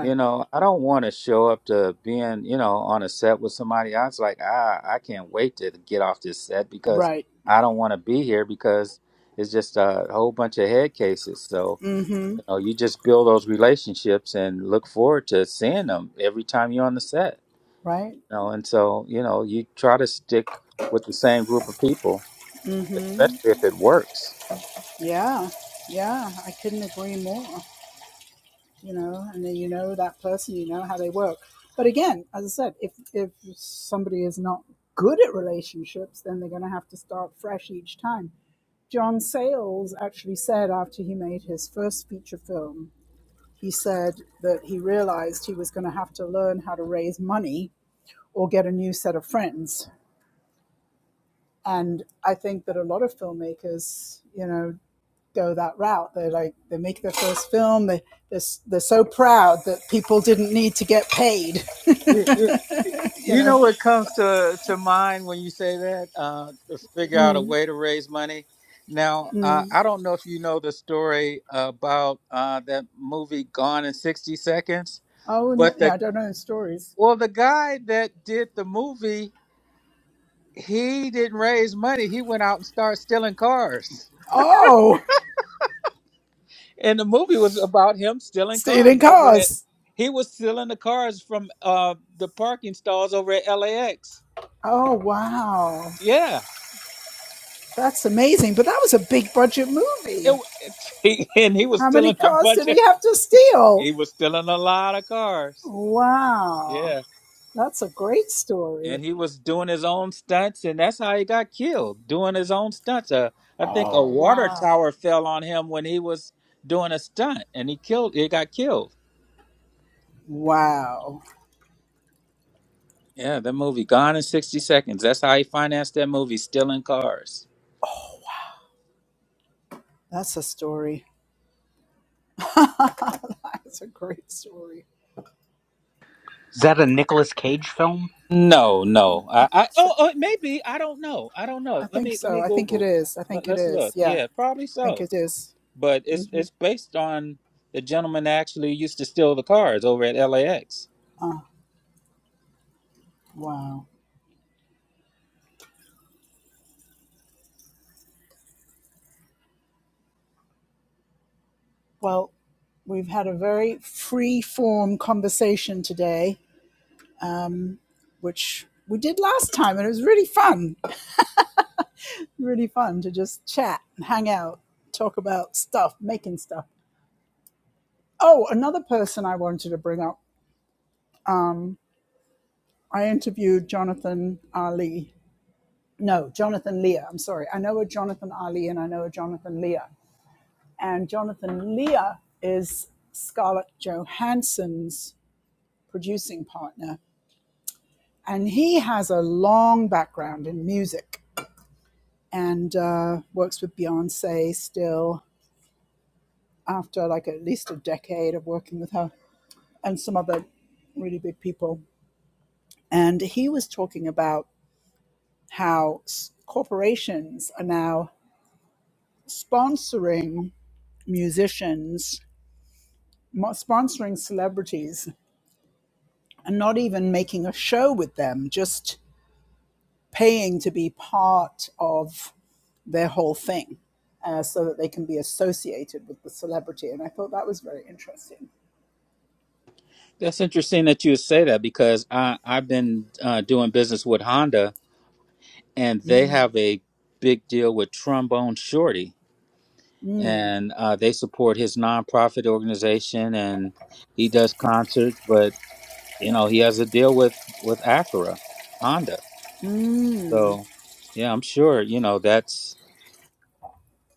You know, I don't want to show up to being, you know, on a set with somebody. I was like, ah, I can't wait to get off this set because
Right.
I don't want to be here because it's just a whole bunch of head cases. So,
Mm-hmm.
you know, you just build those relationships and look forward to seeing them every time you're on the set.
Right?
You know, and so you know, you try to stick with the same group of people,
Mm-hmm.
especially if it works.
Yeah. Yeah. I couldn't agree more. You know, and then you know that person, you know how they work. But again, as I said, if if somebody is not good at relationships, then they're gonna have to start fresh each time. John Sayles actually said after he made his first feature film, he said that he realized he was gonna have to learn how to raise money or get a new set of friends. And I think that a lot of filmmakers, you know, go that route. They like they make their first film. They they're, they're so proud that people didn't need to get paid.
You, you,
You
you know
know.
what comes to, to mind when you say that? Uh, to figure out a way to raise money. Now, uh,
Mm.
I don't know if you know the story about uh, that movie Gone in 60 Seconds,
Oh n
but
yeah, I
the
don't know stories.
well, the guy that did the movie, he didn't raise money. He went out and started stealing cars.
Oh,
and the movie was about him stealing
stealing
cars over at
cars.
he was stealing the cars from uh the parking stalls over at LAX.
Oh wow,
Yeah.
that's amazing. But that was a big budget
It,
movie.
w- it- he, and he was
How many
stealing a
cars
bunch
did
of
he have to steal?
he was stealing a lot of cars.
Wow,
Yeah.
that's a great
And
story.
he was doing his own stunts and that's how he got killed, doing his own stunts. Uh, I think a
Oh
water
wow,
tower fell on him when he was doing a stunt and he killed he got killed.
wow,
Yeah, the movie Gone in 60 Seconds. That's how he financed that movie, stealing cars.
that's a story. that's a great story.
Is that a Nicolas Cage film?
No, no.
I
I, I
think so.
oh, oh maybe I don't know. I don't
I
know. Let
think
me let
so.
me
I think it
Google.
is. I
Let,
think it
let's
is.
look.
Yeah,
Yeah, probably
I think
so.
it is.
But it's
Mm-hmm.
it's based on the gentleman that actually used to steal the cars over at LAX.
Wow. Well, we've had a very free form conversation today, which we did last time, and it was really fun. Really fun to just chat and hang out, talk about stuff, making stuff. Oh, another person I wanted to bring up. I interviewed Jonathan Ali. No, Jonathan Leah. I'm sorry. I know a Jonathan Ali and I know a Jonathan Leah. and Jonathan Leah is Scarlett Johansson's producing partner, and he has a long background in music and uh, works with Beyonce still after like at least a decade of working with her and some other really big people. And he was talking about how corporations are now sponsoring musicians, sponsoring celebrities and not even making a show with them, just paying to be part of their whole thing uh, so that they can be associated with the celebrity. And I thought that was very interesting.
That's interesting that you would say that because I I've been uh, doing business with Honda and they have a big deal with Trombone Shorty and uh, they support his nonprofit organization and he does concerts, but you know he has a deal with with Acura Honda.
Mm.
So, yeah, I'm sure, you know, that's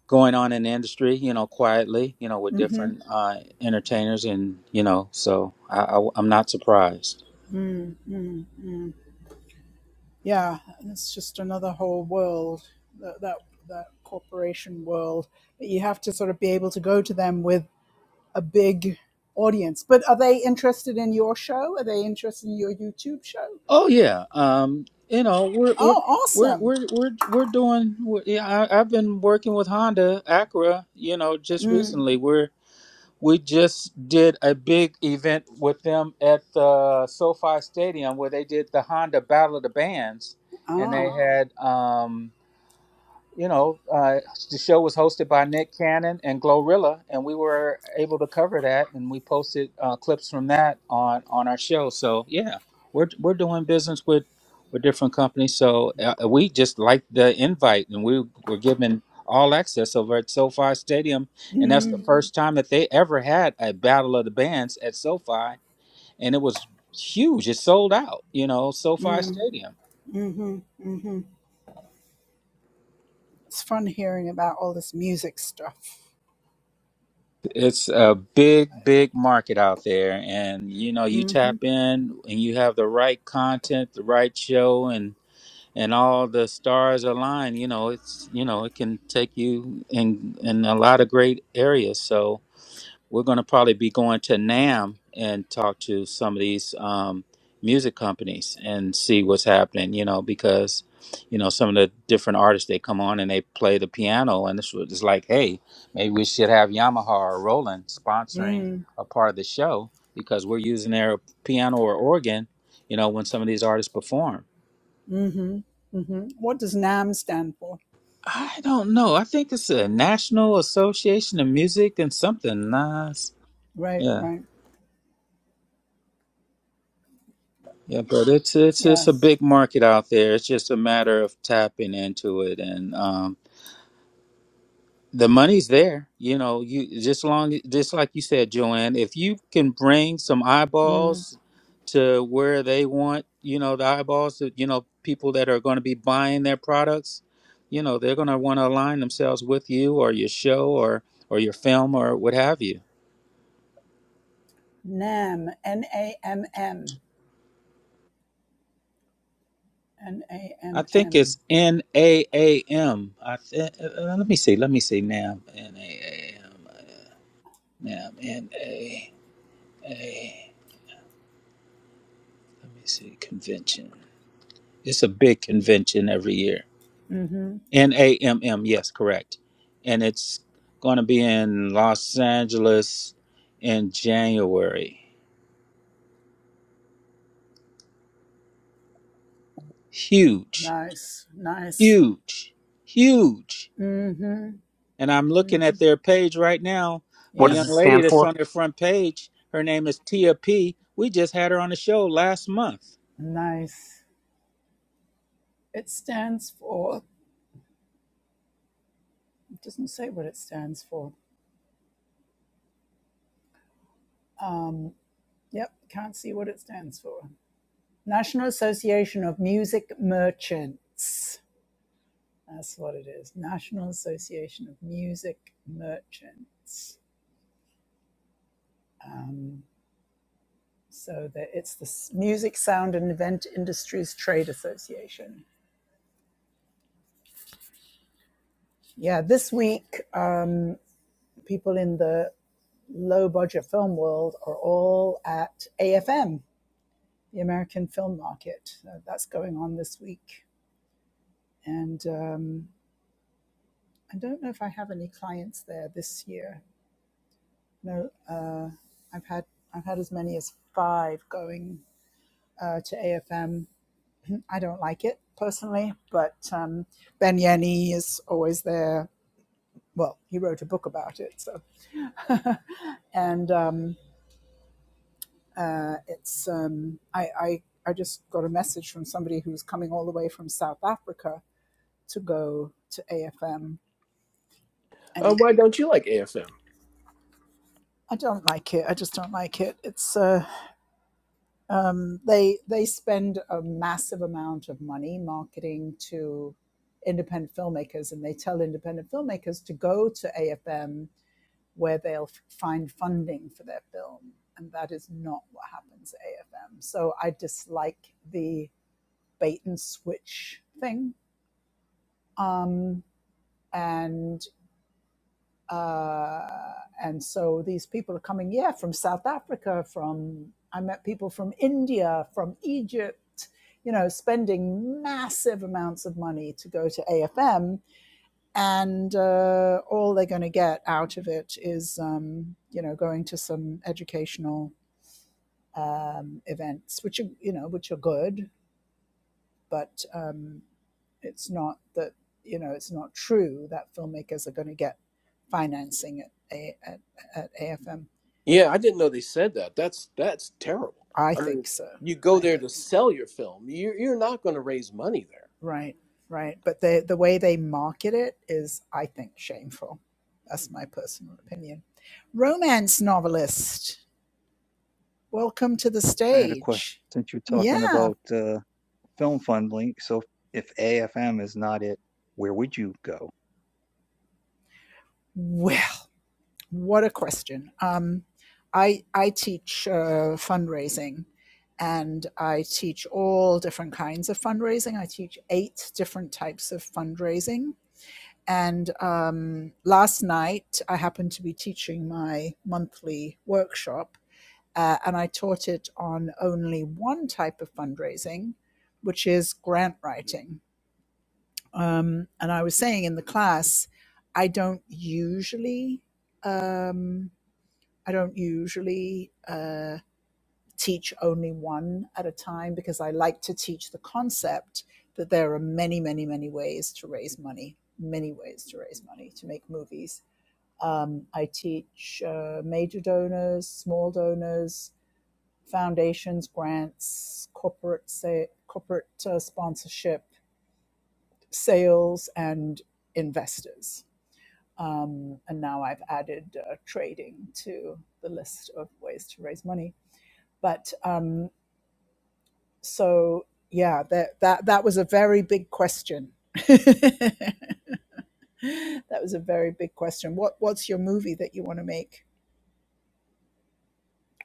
going on in the industry, you know, quietly, you know, with different uh, entertainers. And, you know, so I, I, I'm not surprised.
Yeah, and it's just another whole world that, that that corporation world. But you have to sort of be able to go to them with a big audience. But are they interested in your show? Are they interested in your YouTube show?
Oh, yeah. Um, you know, we're, we're,
Oh,
we're,
awesome!
we're, we're, we're doing, we yeah, I, I've been working with Honda Acura, you know, just recently. We're, we just did a big event with them at the SoFi Stadium where they did the Honda Battle of the Bands. And they
Oh,
Oh. had, um, you know, uh, the show was hosted by Nick Cannon and Glorilla, and we were able to cover that, and we posted uh, clips from that on on our show. So yeah, we're we're doing business with with different companies. So uh, we just liked the invite, and we were given all access over at SoFi Stadium, and that's the Mhm. first time that they ever had a battle of the bands at SoFi, and it was huge. It sold out, you know, SoFi Stadium.
It's fun hearing about all this music stuff.
It's a big, big market out there, and you know, you tap in and you have the right content, the right show, and and all the stars align. You know, it's you know, it can take you in in a lot of great areas. So we're going to probably be going to NAM and talk to some of these um, music companies and see what's happening. You know, because you know some of the different artists they come on and they play the piano, and this was it's like, hey, maybe we should have Yamaha or Roland sponsoring a part of the show because we're using their piano or organ. You know, when some of these artists perform.
Mm-hmm. Mm-hmm. What does NAM stand for?
I don't know. I think it's a National Association of Music and something. Nice.
Right,
yeah.
right.
Yeah, but it's it's it's a
Yes.
big market out there. It's just a matter of tapping into it, and um, the money's there. You know, you just long just like you said, Joanne. If you can bring some
Mm.
eyeballs to where they want, you know, the eyeballs that you know people that are going to be buying their products, you know, they're going to want to align themselves with you or your show or or your film or what have you.
NAM, N A M M, N A
I
M
think
M.
it's N A A M. I th- uh, let me see. Let me see. Nam N A A M. uh, Nam N A A. Let me see. Convention. It's a big convention every year.
Mm-hmm.
N A M M. Yes, correct. And it's going to be in Los Angeles in January. Huge,
Nice, nice.
huge, huge.
Mm-hmm.
and I'm looking at their page right now. A
What
Yep,
does
young
it
lady
stand
that's
for?
on their front page. Her name is Tia P. We just had her on the show last month.
nice. It stands for, it doesn't say what it stands for. Um, yep, can't see what it stands for. National Association of Music Merchants. That's what it is. National Association of Music Merchants. Um, so that it's the Music Sound and Event Industries Trade Association. Yeah, this week, um, people in the low budget film world are all at AFM, the American Film Market. Uh, that's going on this week. And um, I don't know if I have any clients there this year. No, uh, I've had I've had as many as five going uh, to AFM. I don't like it personally, but um, Ben Yenny is always there. Well, he wrote a book about it, so and um, uh, it's um, I, I I just got a message from somebody who's coming all the way from South Africa to go to AFM, and
Uh,
he,
why don't you like AFM?
I don't like it. I just don't like it. It's uh, Um, they they spend a massive amount of money marketing to independent filmmakers, and they tell independent filmmakers to go to AFM where they'll find funding for their film, and that is not what happens at AFM. So I dislike the bait and switch thing. Um, and Uh, and so these people are coming, yeah, from South Africa, from, I met people from India, from Egypt, you know, spending massive amounts of money to go to AFM. And uh, all they're going to get out of it is, um, you know, going to some educational um, events, which are, you know, which are good, but um, it's not that you know it's not true that filmmakers are going to get financing at, a, at at AFM.
Yeah, I didn't know they said that. That's that's terrible.
I
I mean,
think so.
you go
I
there to
think so.
sell your film. You're you're not going to raise money there.
Right, right. But the the way they market it is, I think, shameful. That's my personal opinion. Romance novelist, welcome to the
I had a question
stage.
since you're talking
Yeah.
about uh, film funding. So if AFM is not it, where would you go?
well. What a question. Um, I, I teach uh, fundraising and I teach all different kinds of fundraising. I teach eight different types of fundraising. And um, last night, I happened to be teaching my monthly workshop, uh, and I taught it on only one type of fundraising, which is grant writing. Um, and I was saying in the class, I don't usually. Um, I don't usually uh, teach only one at a time because I like to teach the concept that there are many, many, many ways to raise money, many ways to raise money to make movies. Um, I teach uh, major donors, small donors, foundations, grants, corporate sa- corporate uh, sponsorship, sales, and investors. Um, and now I've added uh, trading to the list of ways to raise money But um, so yeah, that that that was a very big question. that was a very big question. What what's your movie that you want to make?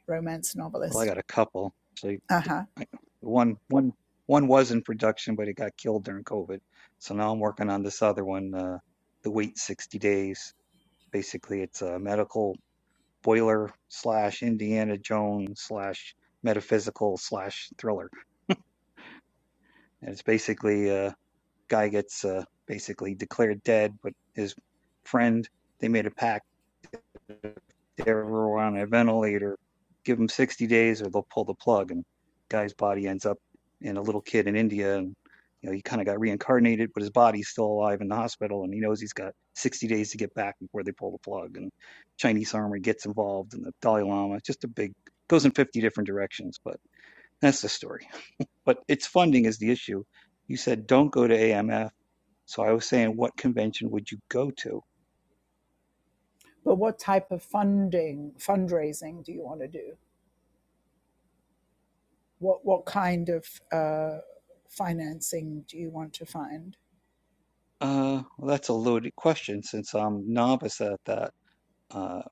Romance
Well, I
novelist.
got a couple. So
Uh huh.
I- one, one, one was in production, but it got killed during COVID. So now I'm working on this other one. Uh, the wait 60 days. Basically, it's a medical boiler slash Indiana Jones slash metaphysical slash thriller, and it's basically a guy gets uh, basically declared dead, but his friend they made a pact they were on a ventilator, give them 60 days or they'll pull the plug. And the guy's body ends up in a little kid in India. And, you know, he kind of got reincarnated, but his body's still alive in the hospital. And he knows he's got 60 days to get back before they pull the plug. And Chinese army gets involved and the Dalai Lama, just a big, goes in 50 different directions, but that's the story. But its funding is the issue. You said, don't go to AMF. So I was saying, what convention would you go to?
But what type of funding fundraising do you want to do? What what kind of uh, financing do you want to find?
Uh, well, that's a loaded question since I'm novice at that. Uh,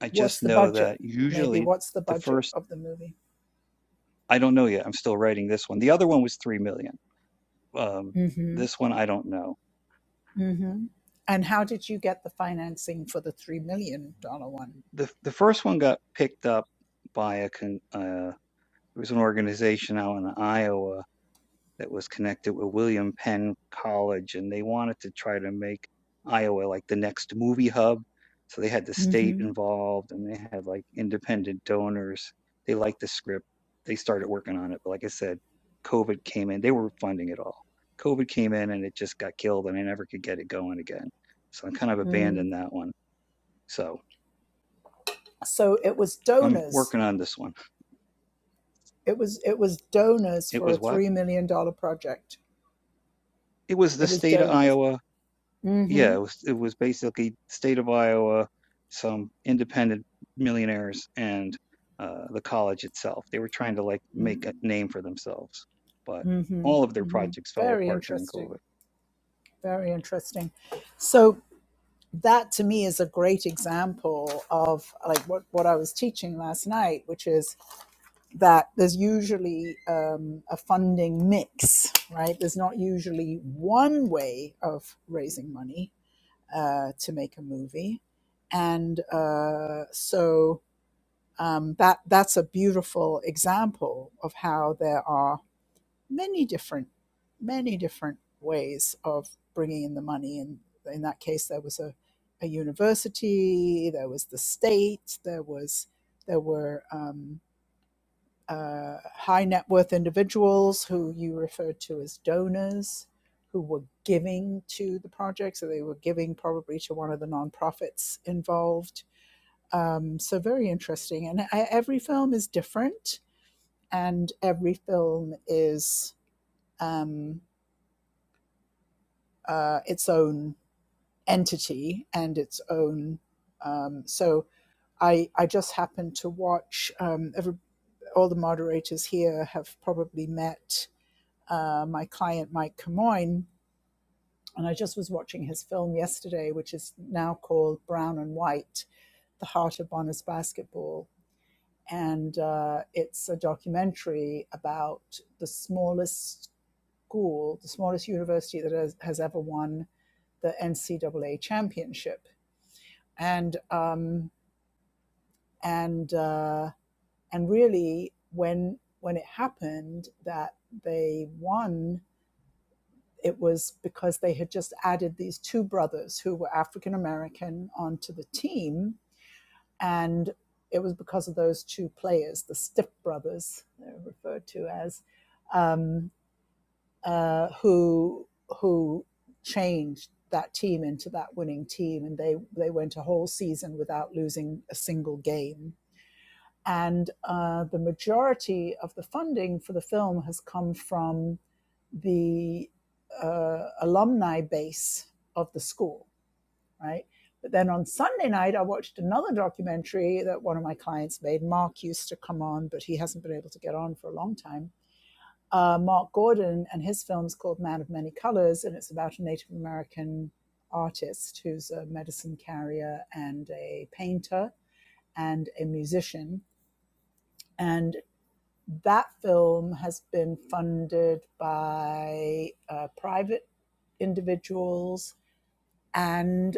I
What's
just
the
know
budget?
that
Maybe
usually
what's the
the
budget
first,
of the movie?
I don't know yet. I'm still writing this one. The other one was 3 million. Um,
hmm
this one, I don't know.
hmm And how did you get the financing for the three million dollar one?
The the first one got picked up by a con, uh, it was an organization out in Iowa that was connected with William Penn College, and they wanted to try to make Iowa like the next movie hub. So they had the state
Mm-hmm.
involved, and they had like independent donors. They liked the script. They started working on it, but like I said, COVID came in. They were funding it all. COVID came in, and it just got killed, and I never could get it going again. So I kind of abandoned
Mm.
that one. So
So it was
I'm
donors.
working on this one.
It was it was donors
It
for a
was what?
three million dollar project.
It was the
It was
state of
donors.
Iowa yeah,
Mm-hmm.
it was it was basically state of Iowa, some independent millionaires, and uh, the college itself. They were trying to like make a name for themselves, but
Mm-hmm.
all of their
hmm
projects fell
Very
apart during COVID.
interesting. Very interesting. So that to me is a great example of like what, what I was teaching last night, which is that there's usually um, a funding mix, right? There's not usually one way of raising money uh, to make a movie. And uh, so um, that that's a beautiful example of how there are many different many different ways of bringing in the money. And in that case, there was a, a university, there was the state, there was there were. um, uh, high net worth individuals who you referred to as donors who were giving to the project. So they were giving probably to one of the nonprofits involved. Um, so very interesting. And I, every film is different, and every film is um, uh, its own entity and its own. Um, so I, I just happened to watch um, every, all the moderators here have probably met uh, my client Mike Camoin, and I just was watching his film yesterday, which is now called Brown and White: The Heart of Bonner's Basketball, and uh, it's a documentary about the smallest school, the smallest university that has, has ever won the NCAA championship, and um, and uh, and really when when it happened that they won It was because they had just added these two brothers who were African American onto the team. And it was because of those two players, the Stiff brothers, they're referred to as, um, uh, who, who changed that team into that winning team. And they, they went a whole season without losing a single game. And uh, the majority of the funding for the film has come from the uh, alumni base of the school, right? But then on Sunday night, I watched another documentary that one of my clients made. Mark used to come on, but he hasn't been able to get on for a long time. Uh, Mark Gordon and his film's called Man of Many Colors, and it's about a Native American artist who's a medicine carrier and a painter and a musician. And that film has been funded by uh, private individuals and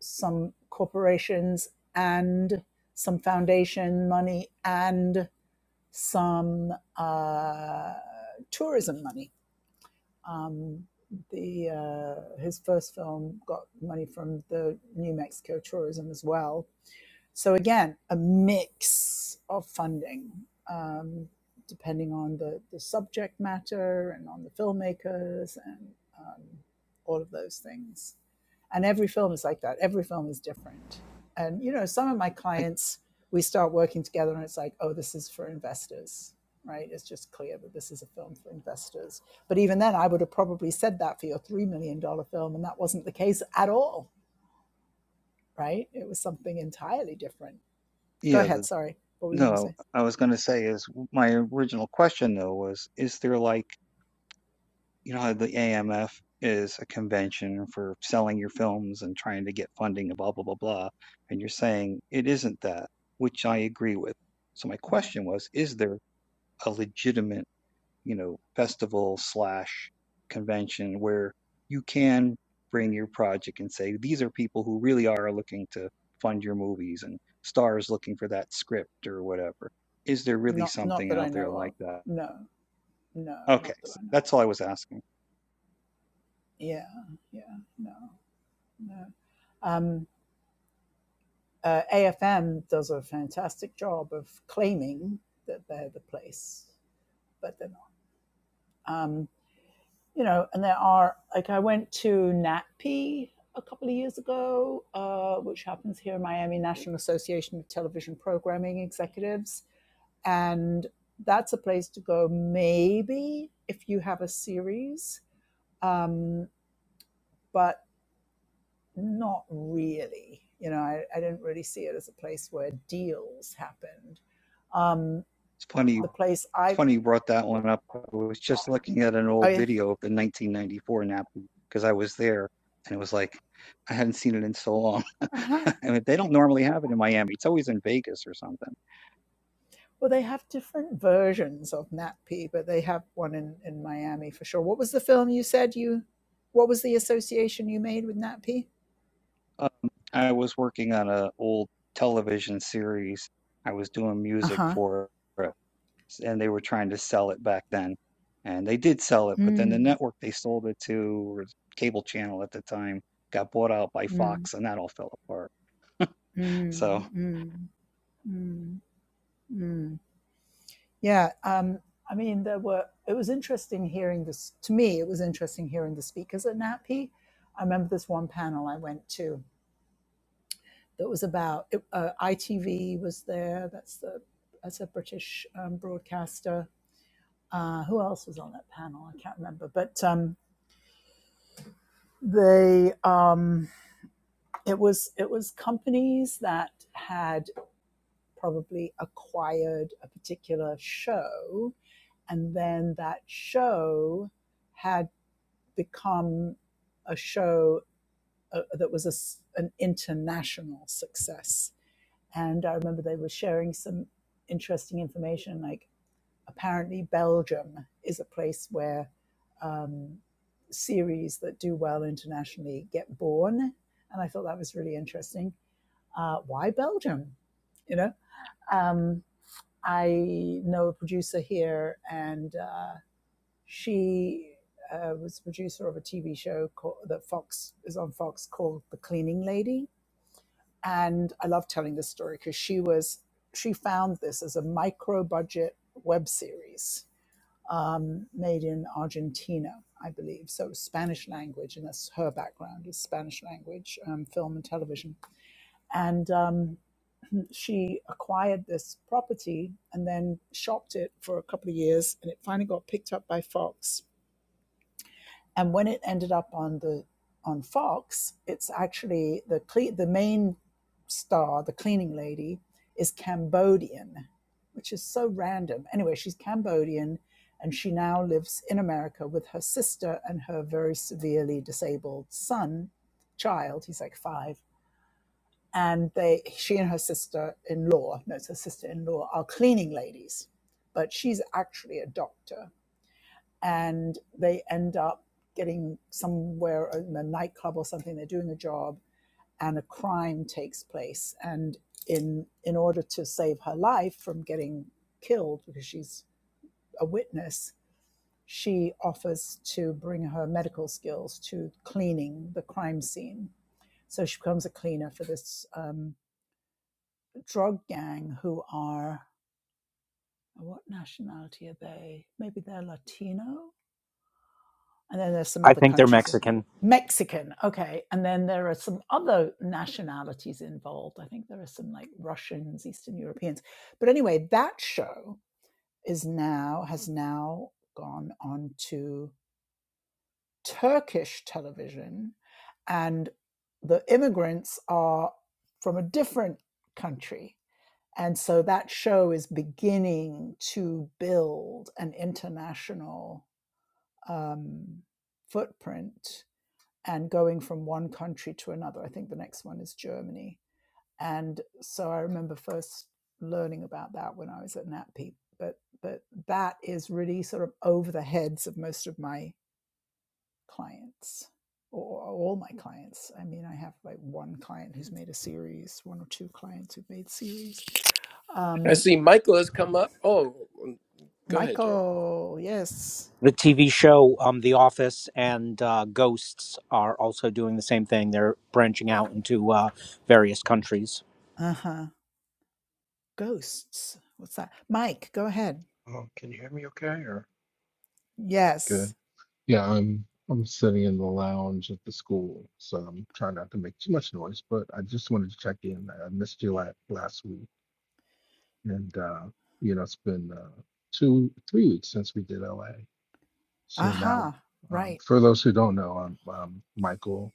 some corporations and some foundation money and some uh, tourism money. Um, the uh, his first film got money from the New Mexico tourism as well, so again, a mix of funding, um, depending on the, the subject matter and on the filmmakers and um, all of those things. And every film is like that. Every film is different. And you know, some of my
I,
clients, we start working together, and it's like, oh, this is for investors, right? It's just clear that this is a film for investors. But even then, I would have probably said that for your three million dollar film, and that wasn't the case at all, right? It was something entirely different Go
yeah,
ahead.
the,
Sorry. What were you going to
no,
say?
I was going to say is my original question though was, is there like you know how the AMF is a convention for selling your films and trying to get funding and blah blah blah blah, and you're saying it isn't that, which I agree with. So my
Mm.
question was, is there a legitimate, you know, festival slash convention where you can bring your project and say, these are people who really are looking to fund your movies and stars looking for that script or whatever. Is there really
Not, not
something
that I
out there
know
like
of.
that?
No, no,
Okay,
not that
so
I know
that's all
of.
I was asking.
Yeah, yeah, no, no. Um, uh, AFM does a fantastic job of claiming that they're the place, but they're not. Um, you know, and there are like I went to NatP a couple of years ago, uh, which happens here in Miami, National Association of Television Programming Executives, and that's a place to go maybe if you have a series, um, but not really. You know, I, I didn't really see it as a place where deals happened. Um,
It's funny
the place
It's
I
funny you brought that one up. I was just looking at an old
I,
video of the 1994 Napa because I was there, and it was like I hadn't seen it in so long.
uh-huh.
I mean, they don't normally have it in Miami. It's always in Vegas or something.
Well, they have different versions of NatP, but they have one in, in Miami for sure. What was the film you said you? What was the association you made with NatP?
Um, I was working on an old television series. I was doing
Uh
music
huh.
for it, and they were trying to sell it back then, and they did sell it. But then the
Mm,
network they sold it to, or cable channel at the time, got bought out by
mm,
Fox, and that all fell apart. So.
mm, mm, mm, mm. Yeah. Um, I mean, there were. It was interesting hearing this. To me, it was interesting hearing the speakers at NatP. I remember this one panel I went to that was about uh, ITV was there. That's the that's a British um, broadcaster uh, who else was on that panel? I can't remember, but um, they um, it was it was companies that had probably acquired a particular show, and then that show had become a show uh, that was a s an international success. And I remember they were sharing some interesting information, like apparently Belgium is a place where um, series that do well internationally get born. And I thought that was really interesting. Uh, why Belgium? You know, um, I know a producer here, and uh, she uh, was the producer of a TV show called, that Fox is on Fox called The Cleaning Lady. And I love telling this story because she was she found this as a micro budget web series um, made in Argentina, I believe. So Spanish language, and that's her background is Spanish language, um, film and television. And um, she acquired this property and then shopped it for a couple of years, and it finally got picked up by Fox and when it ended up on the on Fox, it's actually the cle- the main star, the cleaning lady, is Cambodian, which is so random. Anyway, she's Cambodian, and she now lives in America with her sister and her very severely disabled son, child. He's like five, and they she and her sister in law, no, it's her sister in law, are cleaning ladies, but she's actually a doctor and they end up getting somewhere in a nightclub or something. They're doing a job, and a crime takes place. And in in order to save her life from getting killed, because she's a witness, she offers to bring her medical skills to cleaning the crime scene. So she becomes a cleaner for this um, drug gang who are what nationality are they? Maybe they're Latino and then there's some
I
other
think they're
countries in
Mexican.
Mexican. Okay, and then there are some other nationalities involved. I think there are some like Russians, Eastern Europeans. But anyway, that show is now has now gone on to Turkish television, and the immigrants are from a different country. And so that show is beginning to build an international um, footprint and going from one country to another. I think the next one is Germany. And so I remember first learning about that when I was at NatPeak. But but that is really sort of over the heads of most of my clients or all my clients. I mean, I have like one client who's made a series, one or two clients who've made series.
I
Um,
see Michael has come up. Oh, go ahead, Jay.
Michael, yes.
The TV show um, The Office and uh, Ghosts are also doing the same thing. They're branching out into uh, various countries.
Uh huh. Ghosts. What's that? Mike, go ahead.
Oh, can you hear me okay or
Yes.
good? Yeah, I'm I'm sitting in the lounge at the school, so I'm trying not to make too much noise, but I just wanted to check in. I missed you last last week, and uh, you know, it's been uh, two, three weeks since we did LA. So
Aha.
now,
Uh-huh. Right.
um, for those who don't know, I'm, um Michael.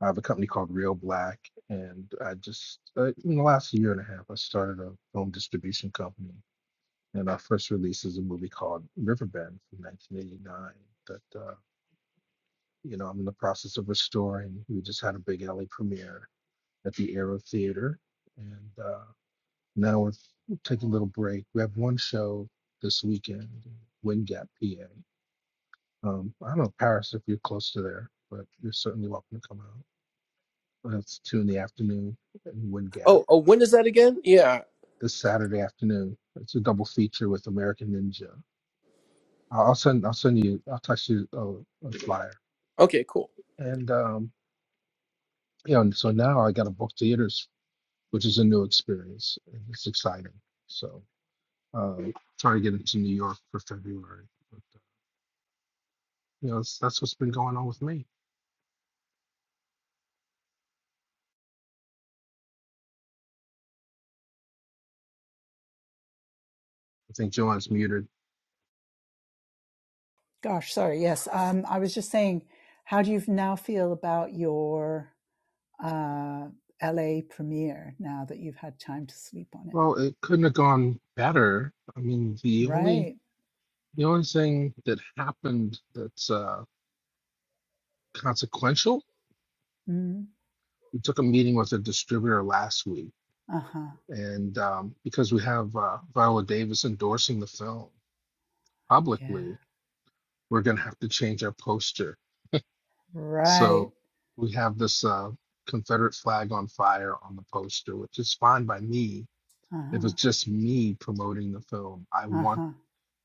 I have a company called Real Black, and I just uh, in the last year and a half, I started a film distribution company And our first release is a movie called Riverbend from 1989 that, uh, you know, I'm in the process of restoring. We just had a big LA premiere at the Aero Theater. And uh, now we're taking a little break. We have one show this weekend, in Gap, PA. Um, I don't know, Paris, if you're close to there, but you're certainly welcome to come out. That's two in the afternoon in Wind Gap.
Oh, oh, when is that again? Yeah.
This Saturday afternoon, it's a double feature with American Ninja. I'll I'll send I'll send you I'll text you a, a flyer
Okay, cool.
And um, you know, and so now I got to book theaters, which is a new experience. and It's exciting. So um, trying to get into New York for February. But, uh, you know, that's, that's what's been going on with me. I think Joanne's muted.
Gosh, sorry. Yes. Um, I was just saying, how do you now feel about your uh, LA premiere now that you've had time to sleep on it?
Well, it couldn't have gone better. I mean, the only
Right.
the only thing that happened that's uh, consequential,
Mm.
we took a meeting with a distributor last week,
Uh huh.
and um, because we have uh, Viola Davis endorsing the film
Yeah.
publicly, we're going to have to change our posture.
Right.
So we have this uh, Confederate flag on fire on the poster, which is fine by me
Uh
if
huh.
it's just me promoting the film. I
Uh
want
huh.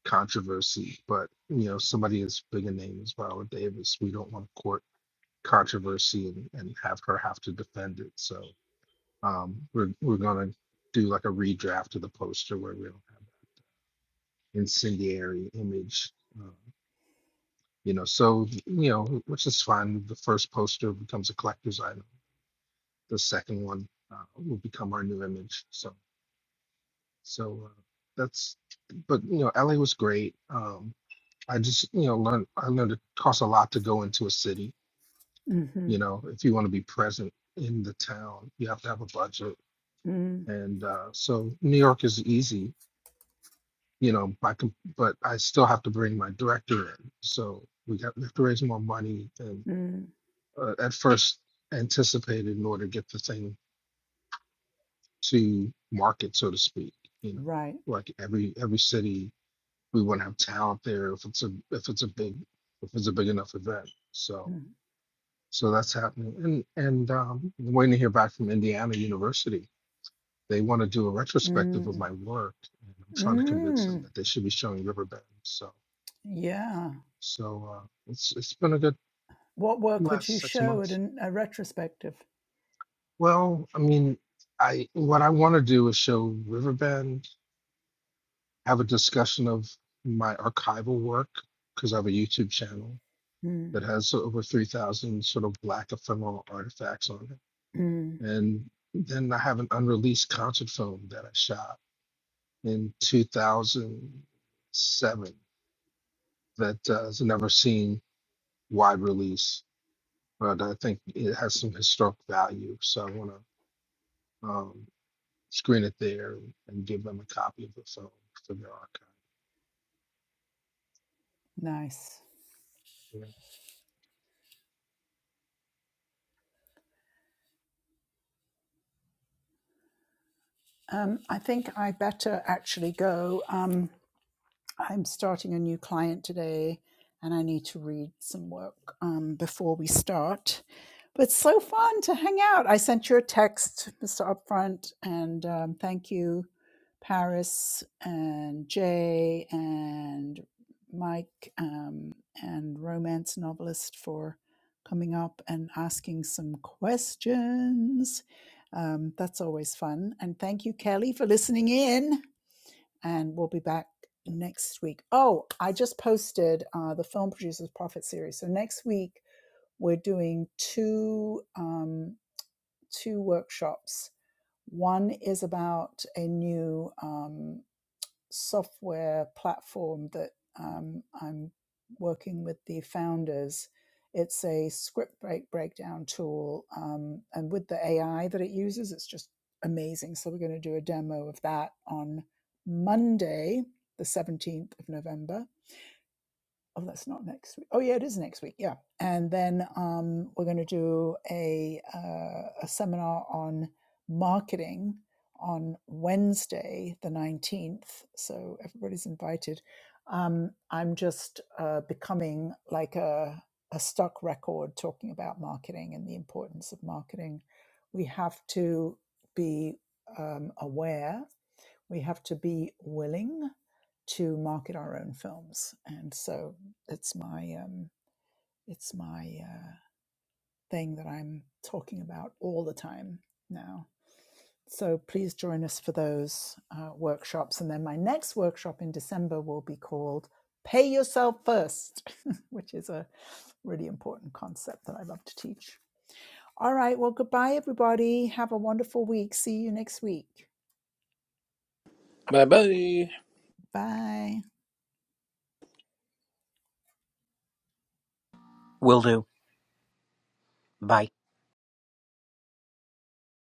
controversy, but you know, somebody as big a name as Viola Davis, we don't want to court controversy and, and have her have to defend it. So um, we're we're going to do like a redraft of the poster where we don't have that incendiary image. Uh, you know so you know which is fine the first poster becomes a collector's item the second one uh, will become our new image so so uh, that's but you know la was great um i just you know learned i learned it costs a lot to go into a city
Mm-hmm.
you know if you want to be present in the town you have to have a budget
Mm.
and uh so new york is easy you know by com- but i still have to bring my director in so we got we have to raise more money and.
Mm.
uh, at first anticipated in order to get the thing to market, so to speak. You know,
Right.
like every every city, we want to have talent there if it's a if it's a big if it's a big enough event. So
Mm.
so that's happening, and and um, I'm waiting to hear back from Indiana University. They want to do a retrospective of
Mm.
my work, and I'm trying to convince them
Mm.
that they should be showing Riverbend. So
Yeah.
so uh, it's it's been a good
What work would you
last six
show at
months.
an, a retrospective?
Well, I mean, I what I want to do is show Riverbend, have a discussion of my archival work because I have a YouTube channel that
Mm.
has over 3,000 sort of black ephemeral artifacts on it.
Mm.
And then I have an unreleased concert film that I shot in 2007 that uh, has never seen wide release, but I think it has some historic value. So I want to. um, screen it there and give them a copy of the film for their archive.
Nice.
yeah.
Um, I think I better actually go. Um, I'm starting a new client today and I need to read some work um, before we start. But it's so fun to hang out. I sent you a text, Mr. Upfront, and um, thank you, Paris and Jay and Mike um, and romance novelist for coming up and asking some questions. Um, that's always fun. And thank you, Kelly, for listening in and we'll be back next week. Oh, I just posted uh, the Film Producers Profit series. So next week we're doing two um, two workshops. One is about a new um, software platform that um, I'm working with the founders. It's a script break breakdown tool, um, and with the AI that it uses, it's just amazing. So we're going to do a demo of that on Monday, the 17th of November oh that's not next week oh yeah it is next week yeah and then um, we're going to do a uh, a seminar on marketing on wednesday the 19th so everybody's invited um, i'm just uh, becoming like a a stock record talking about marketing and the importance of marketing we have to be um, aware we have to be willing to market our own films and so it's my um it's my uh, thing that i'm talking about all the time now so please join us for those uh, workshops and then my next workshop in december will be called pay yourself first which is a really important concept that i love to teach all right well goodbye everybody have a wonderful week see you next week
Bye bye.
bye
Will do. Bye.